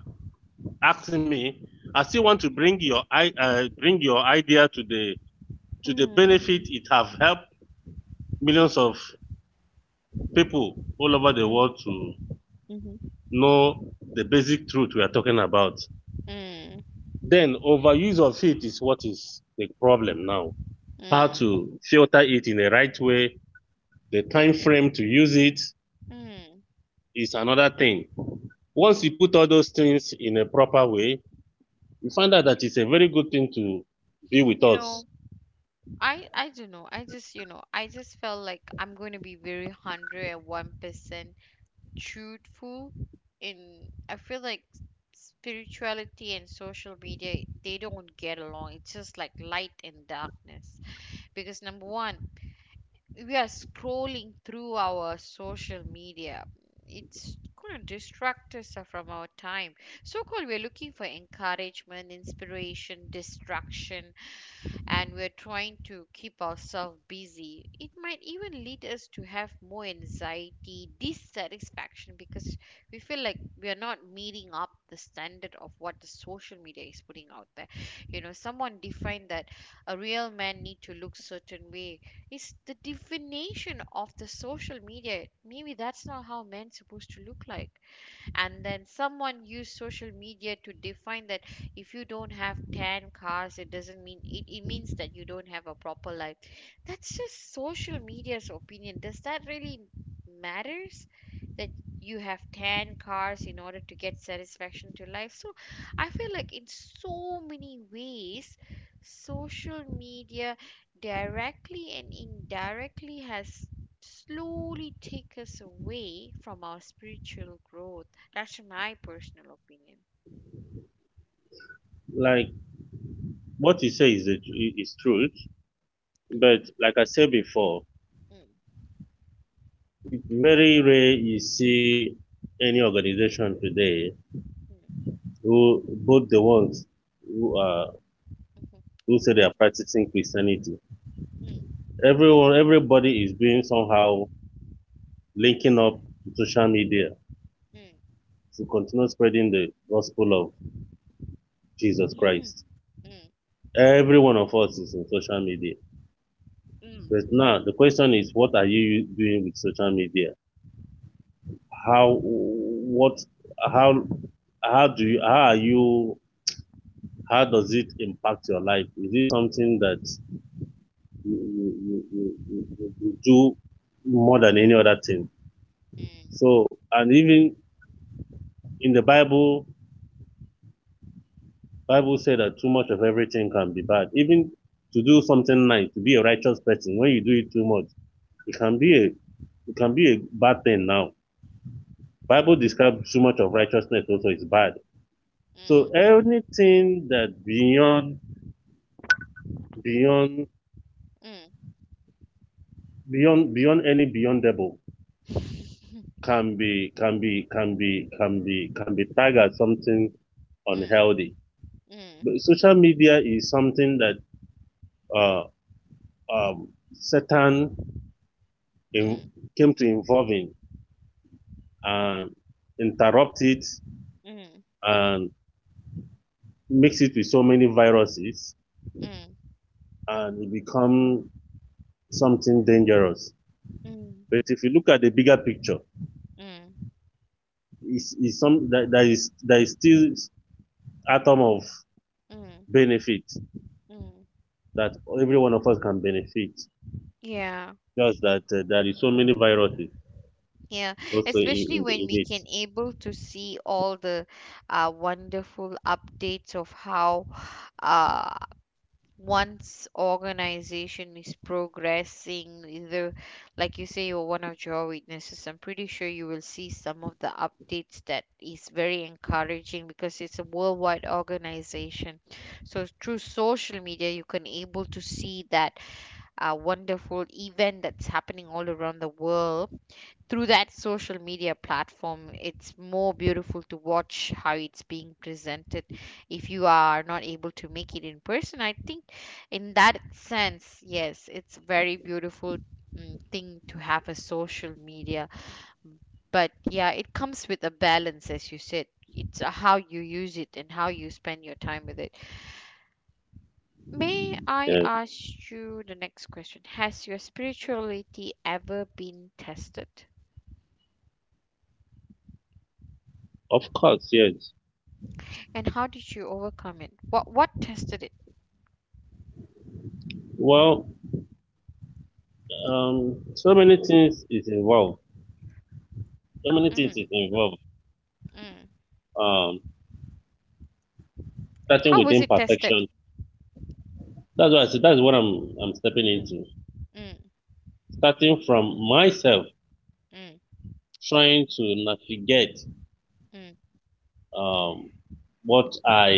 Speaker 2: asking me, I still want to bring your bring your idea to the benefit
Speaker 1: Mm.
Speaker 2: it have helped millions of people all over the
Speaker 1: Mm.
Speaker 2: world to
Speaker 1: Mhm.
Speaker 2: know the basic truth we are talking about.
Speaker 1: Mm.
Speaker 2: Then overuse of it is what is the problem now. How
Speaker 1: Mm.
Speaker 2: to filter it in the right way, the time frame to use it
Speaker 1: Mm.
Speaker 2: is another thing. Once you put
Speaker 1: Mm.
Speaker 2: all those things in a proper way, you find out that it's a very good thing to be with
Speaker 1: You
Speaker 2: us.
Speaker 1: know, I don't know. I just felt like I'm going to be very 101% truthful in I feel like spirituality and social media they don't get along. It's just like light and darkness. Because number one, we are scrolling through our social media it's going to distract us from our time so called we're looking for encouragement inspiration distraction and we're trying to keep ourselves busy, it might even lead us to have more anxiety, dissatisfaction because we feel like we are not meeting up the standard of what the social media is putting out there. You know, someone defined that a real man need to look certain way. It's the definition of the social media. Maybe that's not how men supposed to look like and then someone used social media to define that if you don't have 10 cars it means that you don't have a proper life that's just social media's opinion does that really matters that you have 10 cars in order to get satisfaction to life so I feel like in so many ways social media directly and indirectly has slowly take us away from our spiritual growth that's my personal opinion.
Speaker 2: Like what he says is truth, but like I said before,
Speaker 1: Mm.
Speaker 2: it's very rare you see any organization today
Speaker 1: mm,
Speaker 2: who both the ones who are
Speaker 1: mhm.
Speaker 2: who say they are practicing Christianity. Everyone, everybody is doing somehow linking up to social media to continue spreading the gospel of Jesus Christ.
Speaker 1: Mm.
Speaker 2: Every one of us is in social media. But
Speaker 1: Mm.
Speaker 2: now the question is, what are you doing with social media? How, what, how, how do you, how are you, how does it impact your life? Is it something that you, you, you, you you do more than any other thing? So, and even in the Bible, Bible said that too much of everything can be bad. Even to do something nice, to be a righteous person, when you do it too much, it can be a it can be a bad thing now. Bible describes too much of righteousness also is bad. So
Speaker 1: Mm.
Speaker 2: anything that beyond beyond beyond any beyondable
Speaker 1: Mm. mm. mm, mm, mm.
Speaker 2: can be can be tagged as something
Speaker 1: Mm,
Speaker 2: unhealthy. But social media is something that uh, Satan
Speaker 1: mm,
Speaker 2: in,
Speaker 1: mm,
Speaker 2: came to involve in and interrupt it
Speaker 1: mm, mm,
Speaker 2: and mix it with so many viruses and it become something dangerous. But if you look at the bigger picture,
Speaker 1: mm, mm,
Speaker 2: it's some that, that is there is still atom of
Speaker 1: mm.
Speaker 2: benefit
Speaker 1: Mm.
Speaker 2: that every one of us can benefit.
Speaker 1: Yeah,
Speaker 2: Just that there is so many viruses
Speaker 1: yeah.
Speaker 2: also
Speaker 1: Especially when
Speaker 2: in
Speaker 1: we
Speaker 2: it.
Speaker 1: can able to see all the wonderful updates of how uh, once organization is progressing either like you say you're one of your witnesses I'm pretty sure you will see some of the updates that is very encouraging because it's a worldwide organization so through social media you can able to see that wonderful event that's happening all around the world through that social media platform it's more beautiful to watch how it's being presented if you are not able to make it in person I think in that sense yes it's very beautiful mm, thing to have a social media but yeah it comes with a balance as you said it's how you use it and how you spend your time with it may I
Speaker 2: Yeah.
Speaker 1: ask you the next question has your spirituality ever been tested.
Speaker 2: Of course, yes.
Speaker 1: And how did you overcome it? What tested it?
Speaker 2: Well, so many things is involved. So many
Speaker 1: Mm.
Speaker 2: things is involved.
Speaker 1: mm.
Speaker 2: Um, starting
Speaker 1: How
Speaker 2: with
Speaker 1: was it tested?
Speaker 2: imperfection. That's what I said. That's what I'm stepping
Speaker 1: Mm,
Speaker 2: into.
Speaker 1: mm,
Speaker 2: Starting from myself,
Speaker 1: mm,
Speaker 2: trying to navigate
Speaker 1: mm,
Speaker 2: um, what I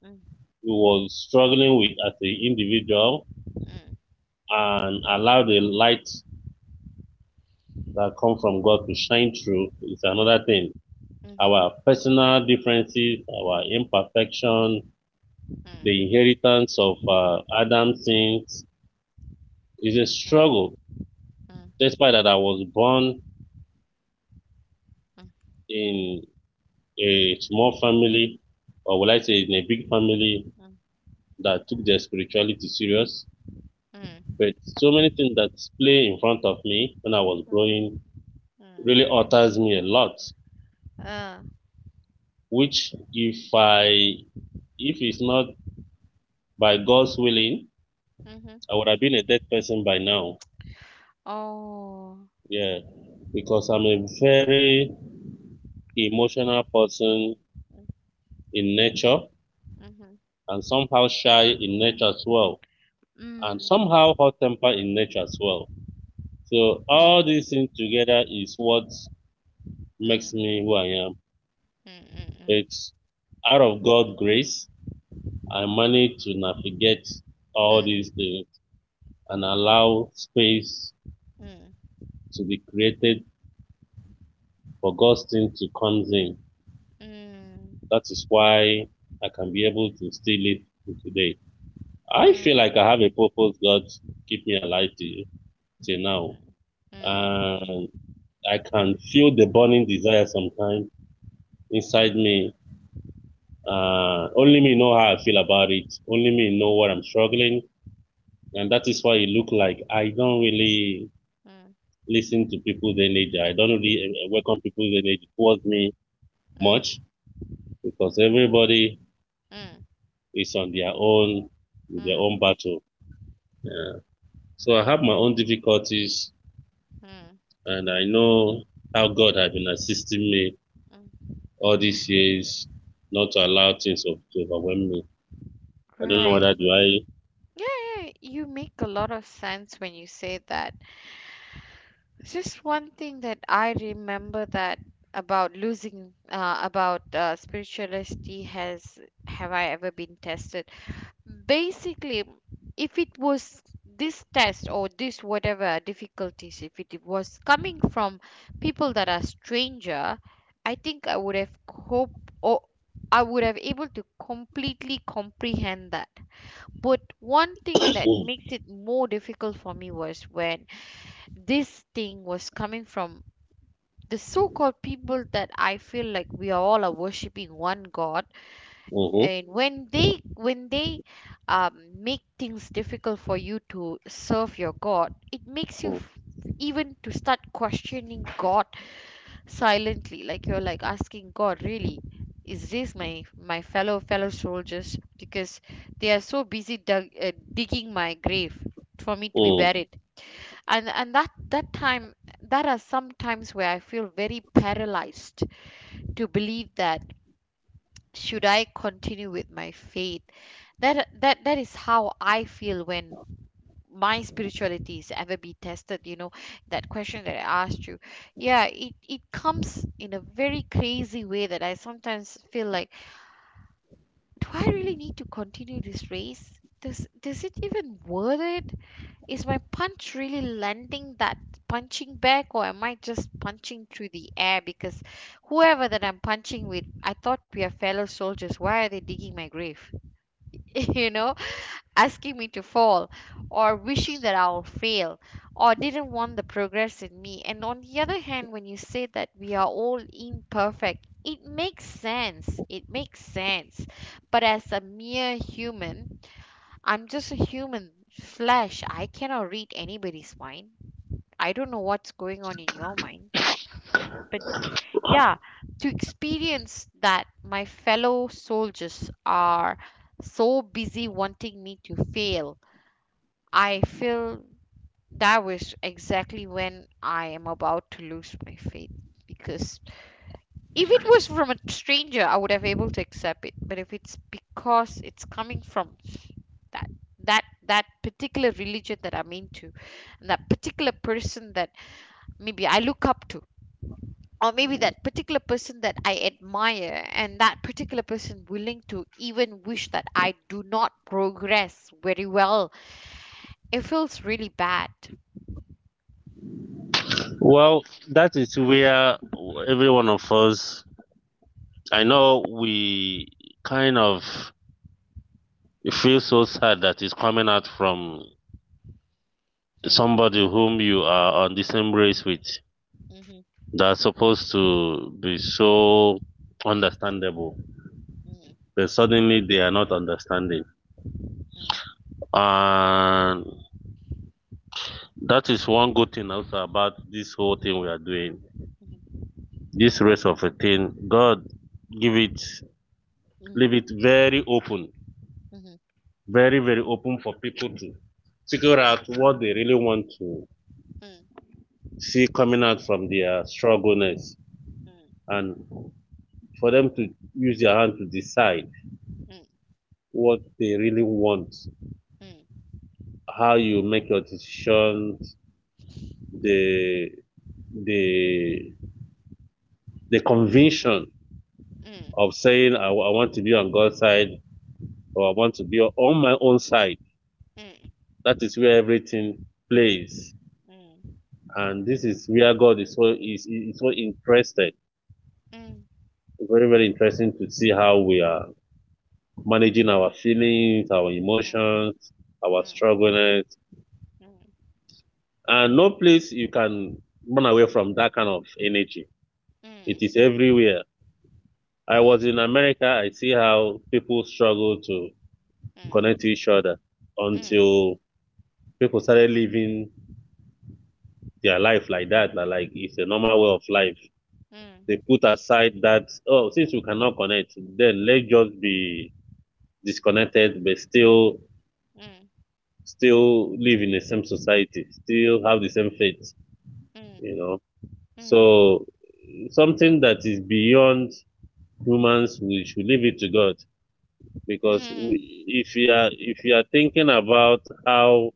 Speaker 1: mm,
Speaker 2: he was struggling with as an individual
Speaker 1: mm,
Speaker 2: and allow the light that come from God to shine through is another
Speaker 1: mhm,
Speaker 2: thing.
Speaker 1: mhm, mm,
Speaker 2: Our personal differences, our imperfection,
Speaker 1: mm,
Speaker 2: the inheritance of Adam's sins is a struggle.
Speaker 1: mm,
Speaker 2: Despite that I was born in a small family, or would I say in a big family
Speaker 1: mm,
Speaker 2: that took their spirituality serious, but so many things that play in front of me when I was
Speaker 1: mm, mm.
Speaker 2: growing
Speaker 1: Mhm. Mm.
Speaker 2: really alters me a lot.
Speaker 1: Ah,
Speaker 2: Which if I if it's not by God's willing,
Speaker 1: mhm.
Speaker 2: I would have been a dead person by now.
Speaker 1: Oh,
Speaker 2: Yeah, because I'm a very emotional person in nature
Speaker 1: mhm.
Speaker 2: and somehow shy in nature as well, and
Speaker 1: Mm,
Speaker 2: somehow hot temper in nature as well. So
Speaker 1: mm,
Speaker 2: all these things together is what makes
Speaker 1: mm,
Speaker 2: me who I am.
Speaker 1: mm,
Speaker 2: It's out of God's grace, I managed to navigate all these
Speaker 1: mm,
Speaker 2: things and allow space
Speaker 1: mm, mm,
Speaker 2: to be created for God's thing to comes in. That is why I can be able to still live to today.
Speaker 1: mm,
Speaker 2: I
Speaker 1: mm,
Speaker 2: feel
Speaker 1: mm,
Speaker 2: like I have a purpose. God keep me alive till, till now. And I can feel the
Speaker 1: mm.
Speaker 2: burning desire sometimes inside me. Only me know how I feel about it. Only me know what I'm struggling. And that is why it look like I don't really listen to people's energy. I don't really welcome people's energy towards me
Speaker 1: Mm, mm, mm,
Speaker 2: much because everybody it's on their own
Speaker 1: mm,
Speaker 2: with
Speaker 1: mm,
Speaker 2: their
Speaker 1: mm,
Speaker 2: own battle. Yeah. So I have my own difficulties,
Speaker 1: mm,
Speaker 2: and I know how God has been assisting me
Speaker 1: mm.
Speaker 2: all these years not to allow things to overwhelm me. I don't know
Speaker 1: Right.
Speaker 2: whether do I.
Speaker 1: Yeah, yeah, yeah. You make a lot of sense when you say that. Just one thing that I remember that about losing about spirituality has have I ever been tested? Basically, if it was this test or this whatever difficulties, if it was coming from people that are stranger, I think I would have hope or I would have able to completely comprehend that but one thing that
Speaker 2: Mm,
Speaker 1: makes it more difficult for me was when this thing was coming from the so called people that I feel like we are all are worshipping one God
Speaker 2: mhm,
Speaker 1: and when they make things difficult for you to serve your god it makes you
Speaker 2: mm,
Speaker 1: f- even to start questioning god silently like you're like asking god really is this my my fellow soldiers because they are so busy digging my grave for me to be
Speaker 2: mm.
Speaker 1: buried and and that time that are some times where I feel very paralyzed to believe that should I continue with my faith? That is how I feel when my spirituality is ever be tested, you know, that question that I asked you. Yeah, it comes in a very crazy way that I sometimes feel like, do I really need to continue this race? Does it even worth it? Is my punch really landing that punching bag, or am I just punching through the air because whoever that I'm punching with, I thought we are fellow soldiers. Why are they digging my grave? you know, asking me to fall or wishing that I'll fail or didn't want the progress in me. And on the other hand, when you say that we are all imperfect, it makes sense. It makes sense. But as a mere human, I'm just a human flesh. I cannot read anybody's mind. I don't know what's going on in your mind. But. Yeah, to experience that my fellow soldiers are so busy wanting me to fail, I feel that was exactly when I am about to lose my faith. Because if it was from a stranger, I would have able to accept it. But if it's because it's coming from that that particular religion that I'm into, and that particular person that maybe I look up to, or maybe that particular person that I admire and that particular person willing to even wish that I do not progress very well, it feels really bad.
Speaker 2: Well, that is where every one of us. I know we kind of feel so sad that it's coming out from
Speaker 1: Hmm.
Speaker 2: somebody whom you are on the same race
Speaker 1: Mm.
Speaker 2: with.
Speaker 1: Mhm.
Speaker 2: That's supposed to be so
Speaker 1: Mm. Mm.
Speaker 2: understandable,
Speaker 1: mm,
Speaker 2: but suddenly they are not understanding. And that is one good thing also about this whole thing we are doing. This race of a thing, God give it,
Speaker 1: mm, mhm,
Speaker 2: leave it very open, very, very open for people to figure out what they really want to
Speaker 1: mm, mhm, mm, mm, mm, mm,
Speaker 2: see coming out from their struggleness and for them to use their hand to decide what they really want,
Speaker 1: mm,
Speaker 2: how you make your decisions, the the the
Speaker 1: mm, mm, mm, mm, mm, mm, mm, mm, mm, mm, mm, mm, mm, mm,
Speaker 2: conviction
Speaker 1: mm,
Speaker 2: of saying I want to be on God's side or I want to be on my own side. That is where everything plays, and this is where God is so is so interested. Very very interesting to see how we are managing our feelings, our emotions, our struggles, and no place you can run away from that kind of energy. It is everywhere. I was in America. I see how people struggle to connect to each other until people started living their life like that. Like it's a normal way of life. They put aside that oh, since we cannot connect, then let's just be disconnected, but still still live in the same society, still have the same faith. You know, so something that is beyond humans, we should leave it to God because we, if you are thinking about how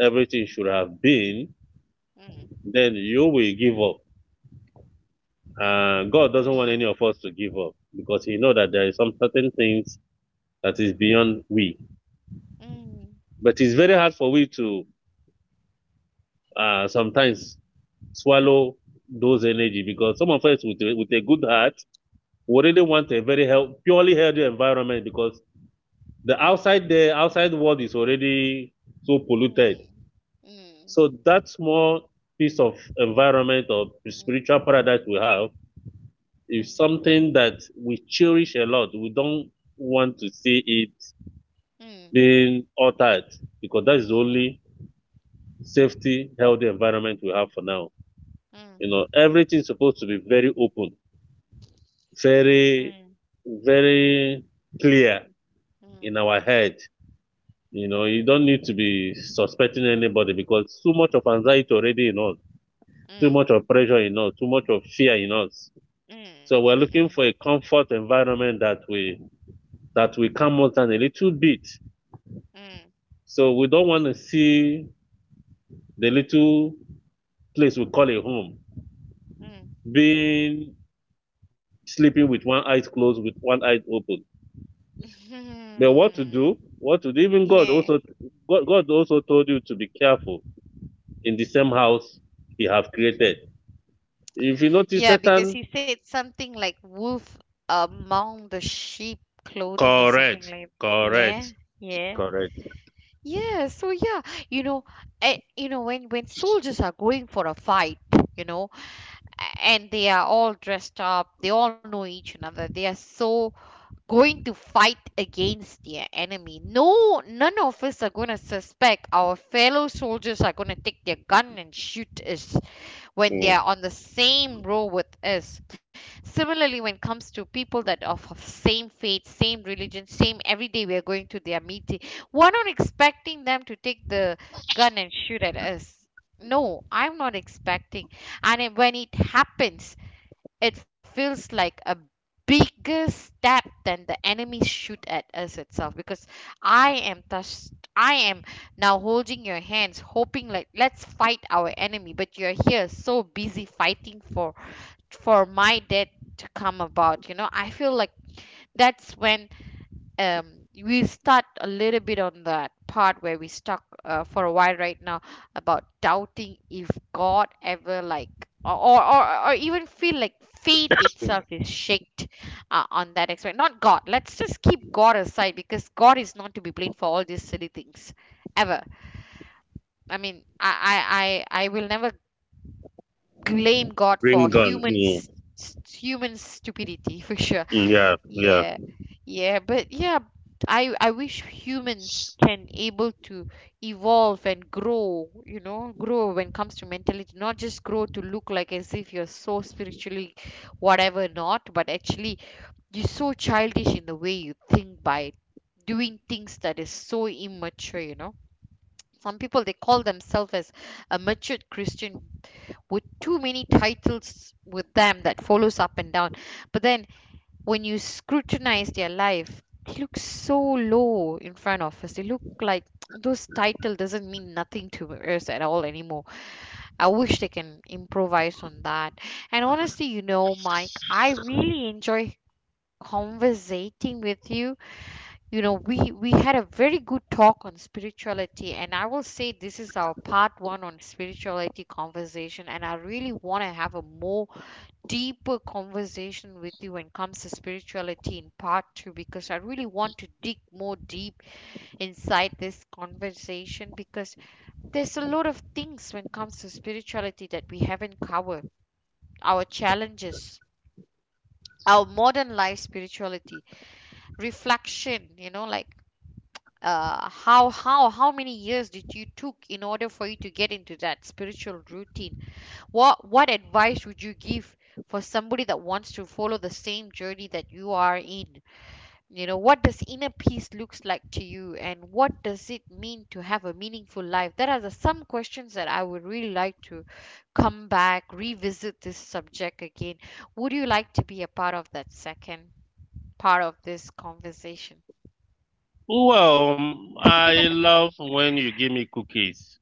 Speaker 2: everything should have been, then you will give up. And God
Speaker 1: mm, mm,
Speaker 2: doesn't want any of us to give up because He knows that
Speaker 1: mm,
Speaker 2: there is some certain things that is beyond we.
Speaker 1: mm, mm.
Speaker 2: But it's very hard for we to sometimes swallow those energy because some of us with a good heart we really want a very health, purely healthy environment because the outside world is already so polluted.
Speaker 1: Mm. Mm.
Speaker 2: So that small piece of environment or spiritual paradise we have
Speaker 1: Mm.
Speaker 2: is something that we cherish a lot. We don't want to see it
Speaker 1: Mm.
Speaker 2: being altered because that is the
Speaker 1: Mm.
Speaker 2: only safety, healthy environment we have for now. You
Speaker 1: Mm.
Speaker 2: know, everything's supposed to be very open, very,
Speaker 1: Mm.
Speaker 2: very clear in our head. You know, you don't need to be suspecting anybody because too much of anxiety already in us, too
Speaker 1: Mm.
Speaker 2: much
Speaker 1: Mm.
Speaker 2: of pressure in us, too much of fear in us. So we're
Speaker 1: Mm. Mm.
Speaker 2: looking for a comfort environment that we calm us down a little bit.
Speaker 1: Mm. Mm.
Speaker 2: So we don't want to see the little place we call a home
Speaker 1: Mm.
Speaker 2: being sleeping with one eye closed, with one eye open. But what to do? What to do? Even God
Speaker 1: Yeah.
Speaker 2: also God also told you to be careful in the same house He have
Speaker 1: Mm.
Speaker 2: created. If you notice
Speaker 1: Yeah, because
Speaker 2: Satan,
Speaker 1: he said something like wolf among the sheep clothing or something
Speaker 2: correct,
Speaker 1: like yeah,
Speaker 2: correct,
Speaker 1: yeah.
Speaker 2: correct.
Speaker 1: Yeah, so yeah, you know, when soldiers are going for a fight, you know, and they are all dressed up, they all know each another, they are so going to fight against their enemy. No, none of us are going to suspect our fellow soldiers are going to take their gun and shoot us when they
Speaker 2: Mm.
Speaker 1: are on the same row with us. Similarly, when it comes to people that are of same faith, same religion, same every day we are going to their meeting, we're not expecting them to take the gun and shoot at us. No, I'm not expecting. And when it happens, it feels like a bigger stab than the enemy shoot at us itself, because I am touched. I am now holding your hands, hoping like let's fight our enemy, but you're here so busy fighting for my death to come about. I feel like that's when we start a little bit on that part where we stuck for a while right now, about doubting if God ever like, or even feel like faith itself is shaked on that aspect. Not God. Let's just keep God aside, because God is not to be blamed for all these silly things ever. I mean, I will never blame God for
Speaker 2: Bring gun. Mm.
Speaker 1: human stupidity for sure.
Speaker 2: Mm, yeah, yeah.
Speaker 1: Yeah, yeah, but yeah, I wish humans can able to evolve and grow. You know, grow when it comes to mentality, not just grow to look like as if you're so spiritually, whatever not, but actually you're so childish in the way you think by doing things that is so immature. You know. Some people they call themselves as a matured Christian with too many titles with them that follows up and down. But then when you scrutinize their life, they look so low in front of us. They look like those title doesn't mean nothing to us at all anymore. I wish they can improvise on that. And honestly, you know, Mike, I really enjoy conversating with you. You know, we had a very good talk on spirituality, and I will say this is our part one on spirituality conversation, and I really want to have a more deeper conversation with you when it comes to spirituality in part two, because I really want to dig more deep inside this conversation, because there's a lot of things when it comes to spirituality that we haven't covered. Our challenges, our modern life spirituality reflection, you know, like, how many years did you took in order for you to get into that spiritual routine? What advice would you give for somebody that wants to follow the same journey that you are in? You know, what does inner peace looks like to you, and what does it mean to have a meaningful life? There are the, some questions that I would really like to come back, revisit this subject again. Would you like to be a part of that second part of this conversation?
Speaker 2: Well, I love when you give me cookies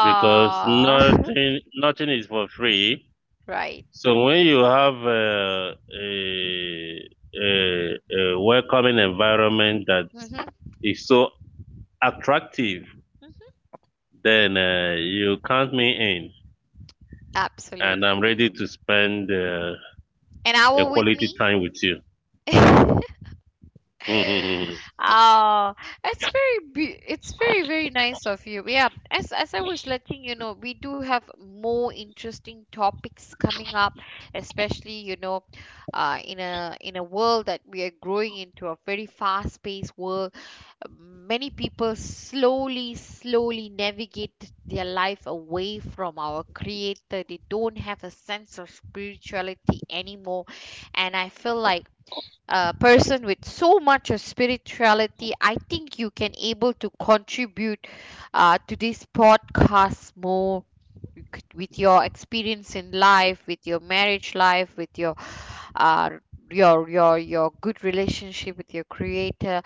Speaker 2: because nothing nothing is for free.
Speaker 1: Right.
Speaker 2: So when you have a, a welcoming environment that
Speaker 1: Hmm.
Speaker 2: is so attractive, then you count me in, and I'm
Speaker 1: Absolutely.
Speaker 2: ready to spend
Speaker 1: An
Speaker 2: a
Speaker 1: hour with
Speaker 2: quality
Speaker 1: me?
Speaker 2: time with you. Mhm.
Speaker 1: Oh, it's it's very very nice of you. Yeah, as I was letting you know, we do have more interesting topics coming up, especially, you know, in a world that we are growing into a very fast-paced world. Many people slowly slowly navigate their life away from our creator. They don't have a sense of spirituality anymore, and I feel like person with so much of spirituality, I think you can able to contribute to this podcast more with your experience in life, with your marriage life, with your uh, your good relationship with your creator.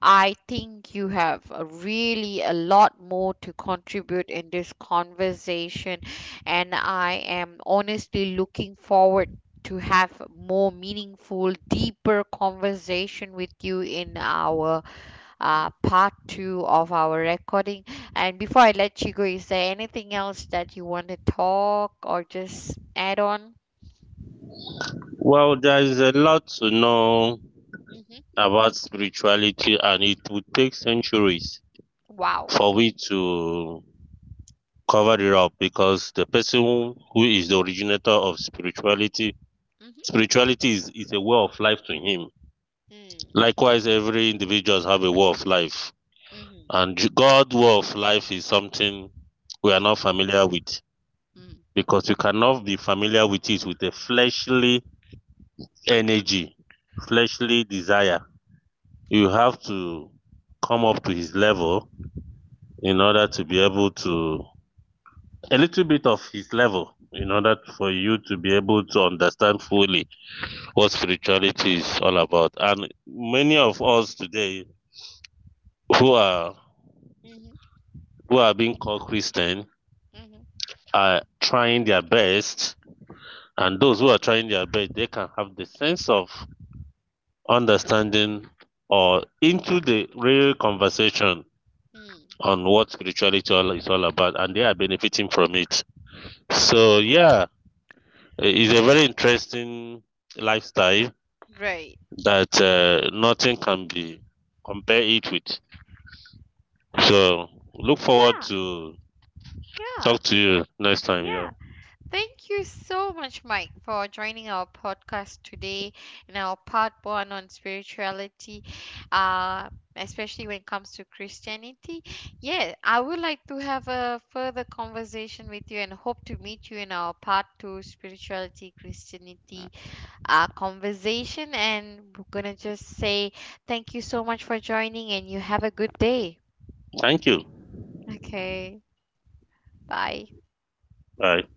Speaker 1: I think you have a really a lot more to contribute in this conversation, and I am honestly looking forward to have more meaningful deeper conversation with you in our part two of our recording. And before I let you go, is there anything else that you want to talk or just add on?
Speaker 2: Well, there is a lot to know
Speaker 1: Mhm.
Speaker 2: about spirituality, and it would take centuries
Speaker 1: Wow.
Speaker 2: for we to cover it up because the person who is the originator of spirituality.
Speaker 1: Hmm.
Speaker 2: Spirituality is a way of life to him.
Speaker 1: Mm.
Speaker 2: Likewise, every individual have a way of life.
Speaker 1: Mhm.
Speaker 2: And God's way of life is something we are not
Speaker 1: Mhm.
Speaker 2: familiar with
Speaker 1: Mm.
Speaker 2: because we cannot be familiar with it with a fleshly energy, fleshly desire. You have to come up to his level in order to be able to a little bit of his level in order for you to be able to understand fully what spirituality is all about. And many of us today who are
Speaker 1: Mhm.
Speaker 2: who are being called Christian
Speaker 1: Mhm.
Speaker 2: are trying their best, and those who are trying their best, they can have the sense of understanding or into the real conversation
Speaker 1: Mm.
Speaker 2: on what spirituality is all about, and they are benefiting from it.
Speaker 1: Right.
Speaker 2: So yeah, it's a very interesting lifestyle
Speaker 1: Right.
Speaker 2: that nothing can be compare it with. So look forward
Speaker 1: Yeah,
Speaker 2: to
Speaker 1: yeah,
Speaker 2: talk to you next time. Yeah,
Speaker 1: yeah. Thank you so much, Mike, for joining our podcast today, in our part one on spirituality, uh, especially when it comes to Christianity. Yeah, I would like to have a further conversation with you and hope to meet you in our part two spirituality, Christianity conversation. And we're going to just say thank you so much for joining, and you have a good day.
Speaker 2: thank you.
Speaker 1: Okay, bye.
Speaker 2: Bye.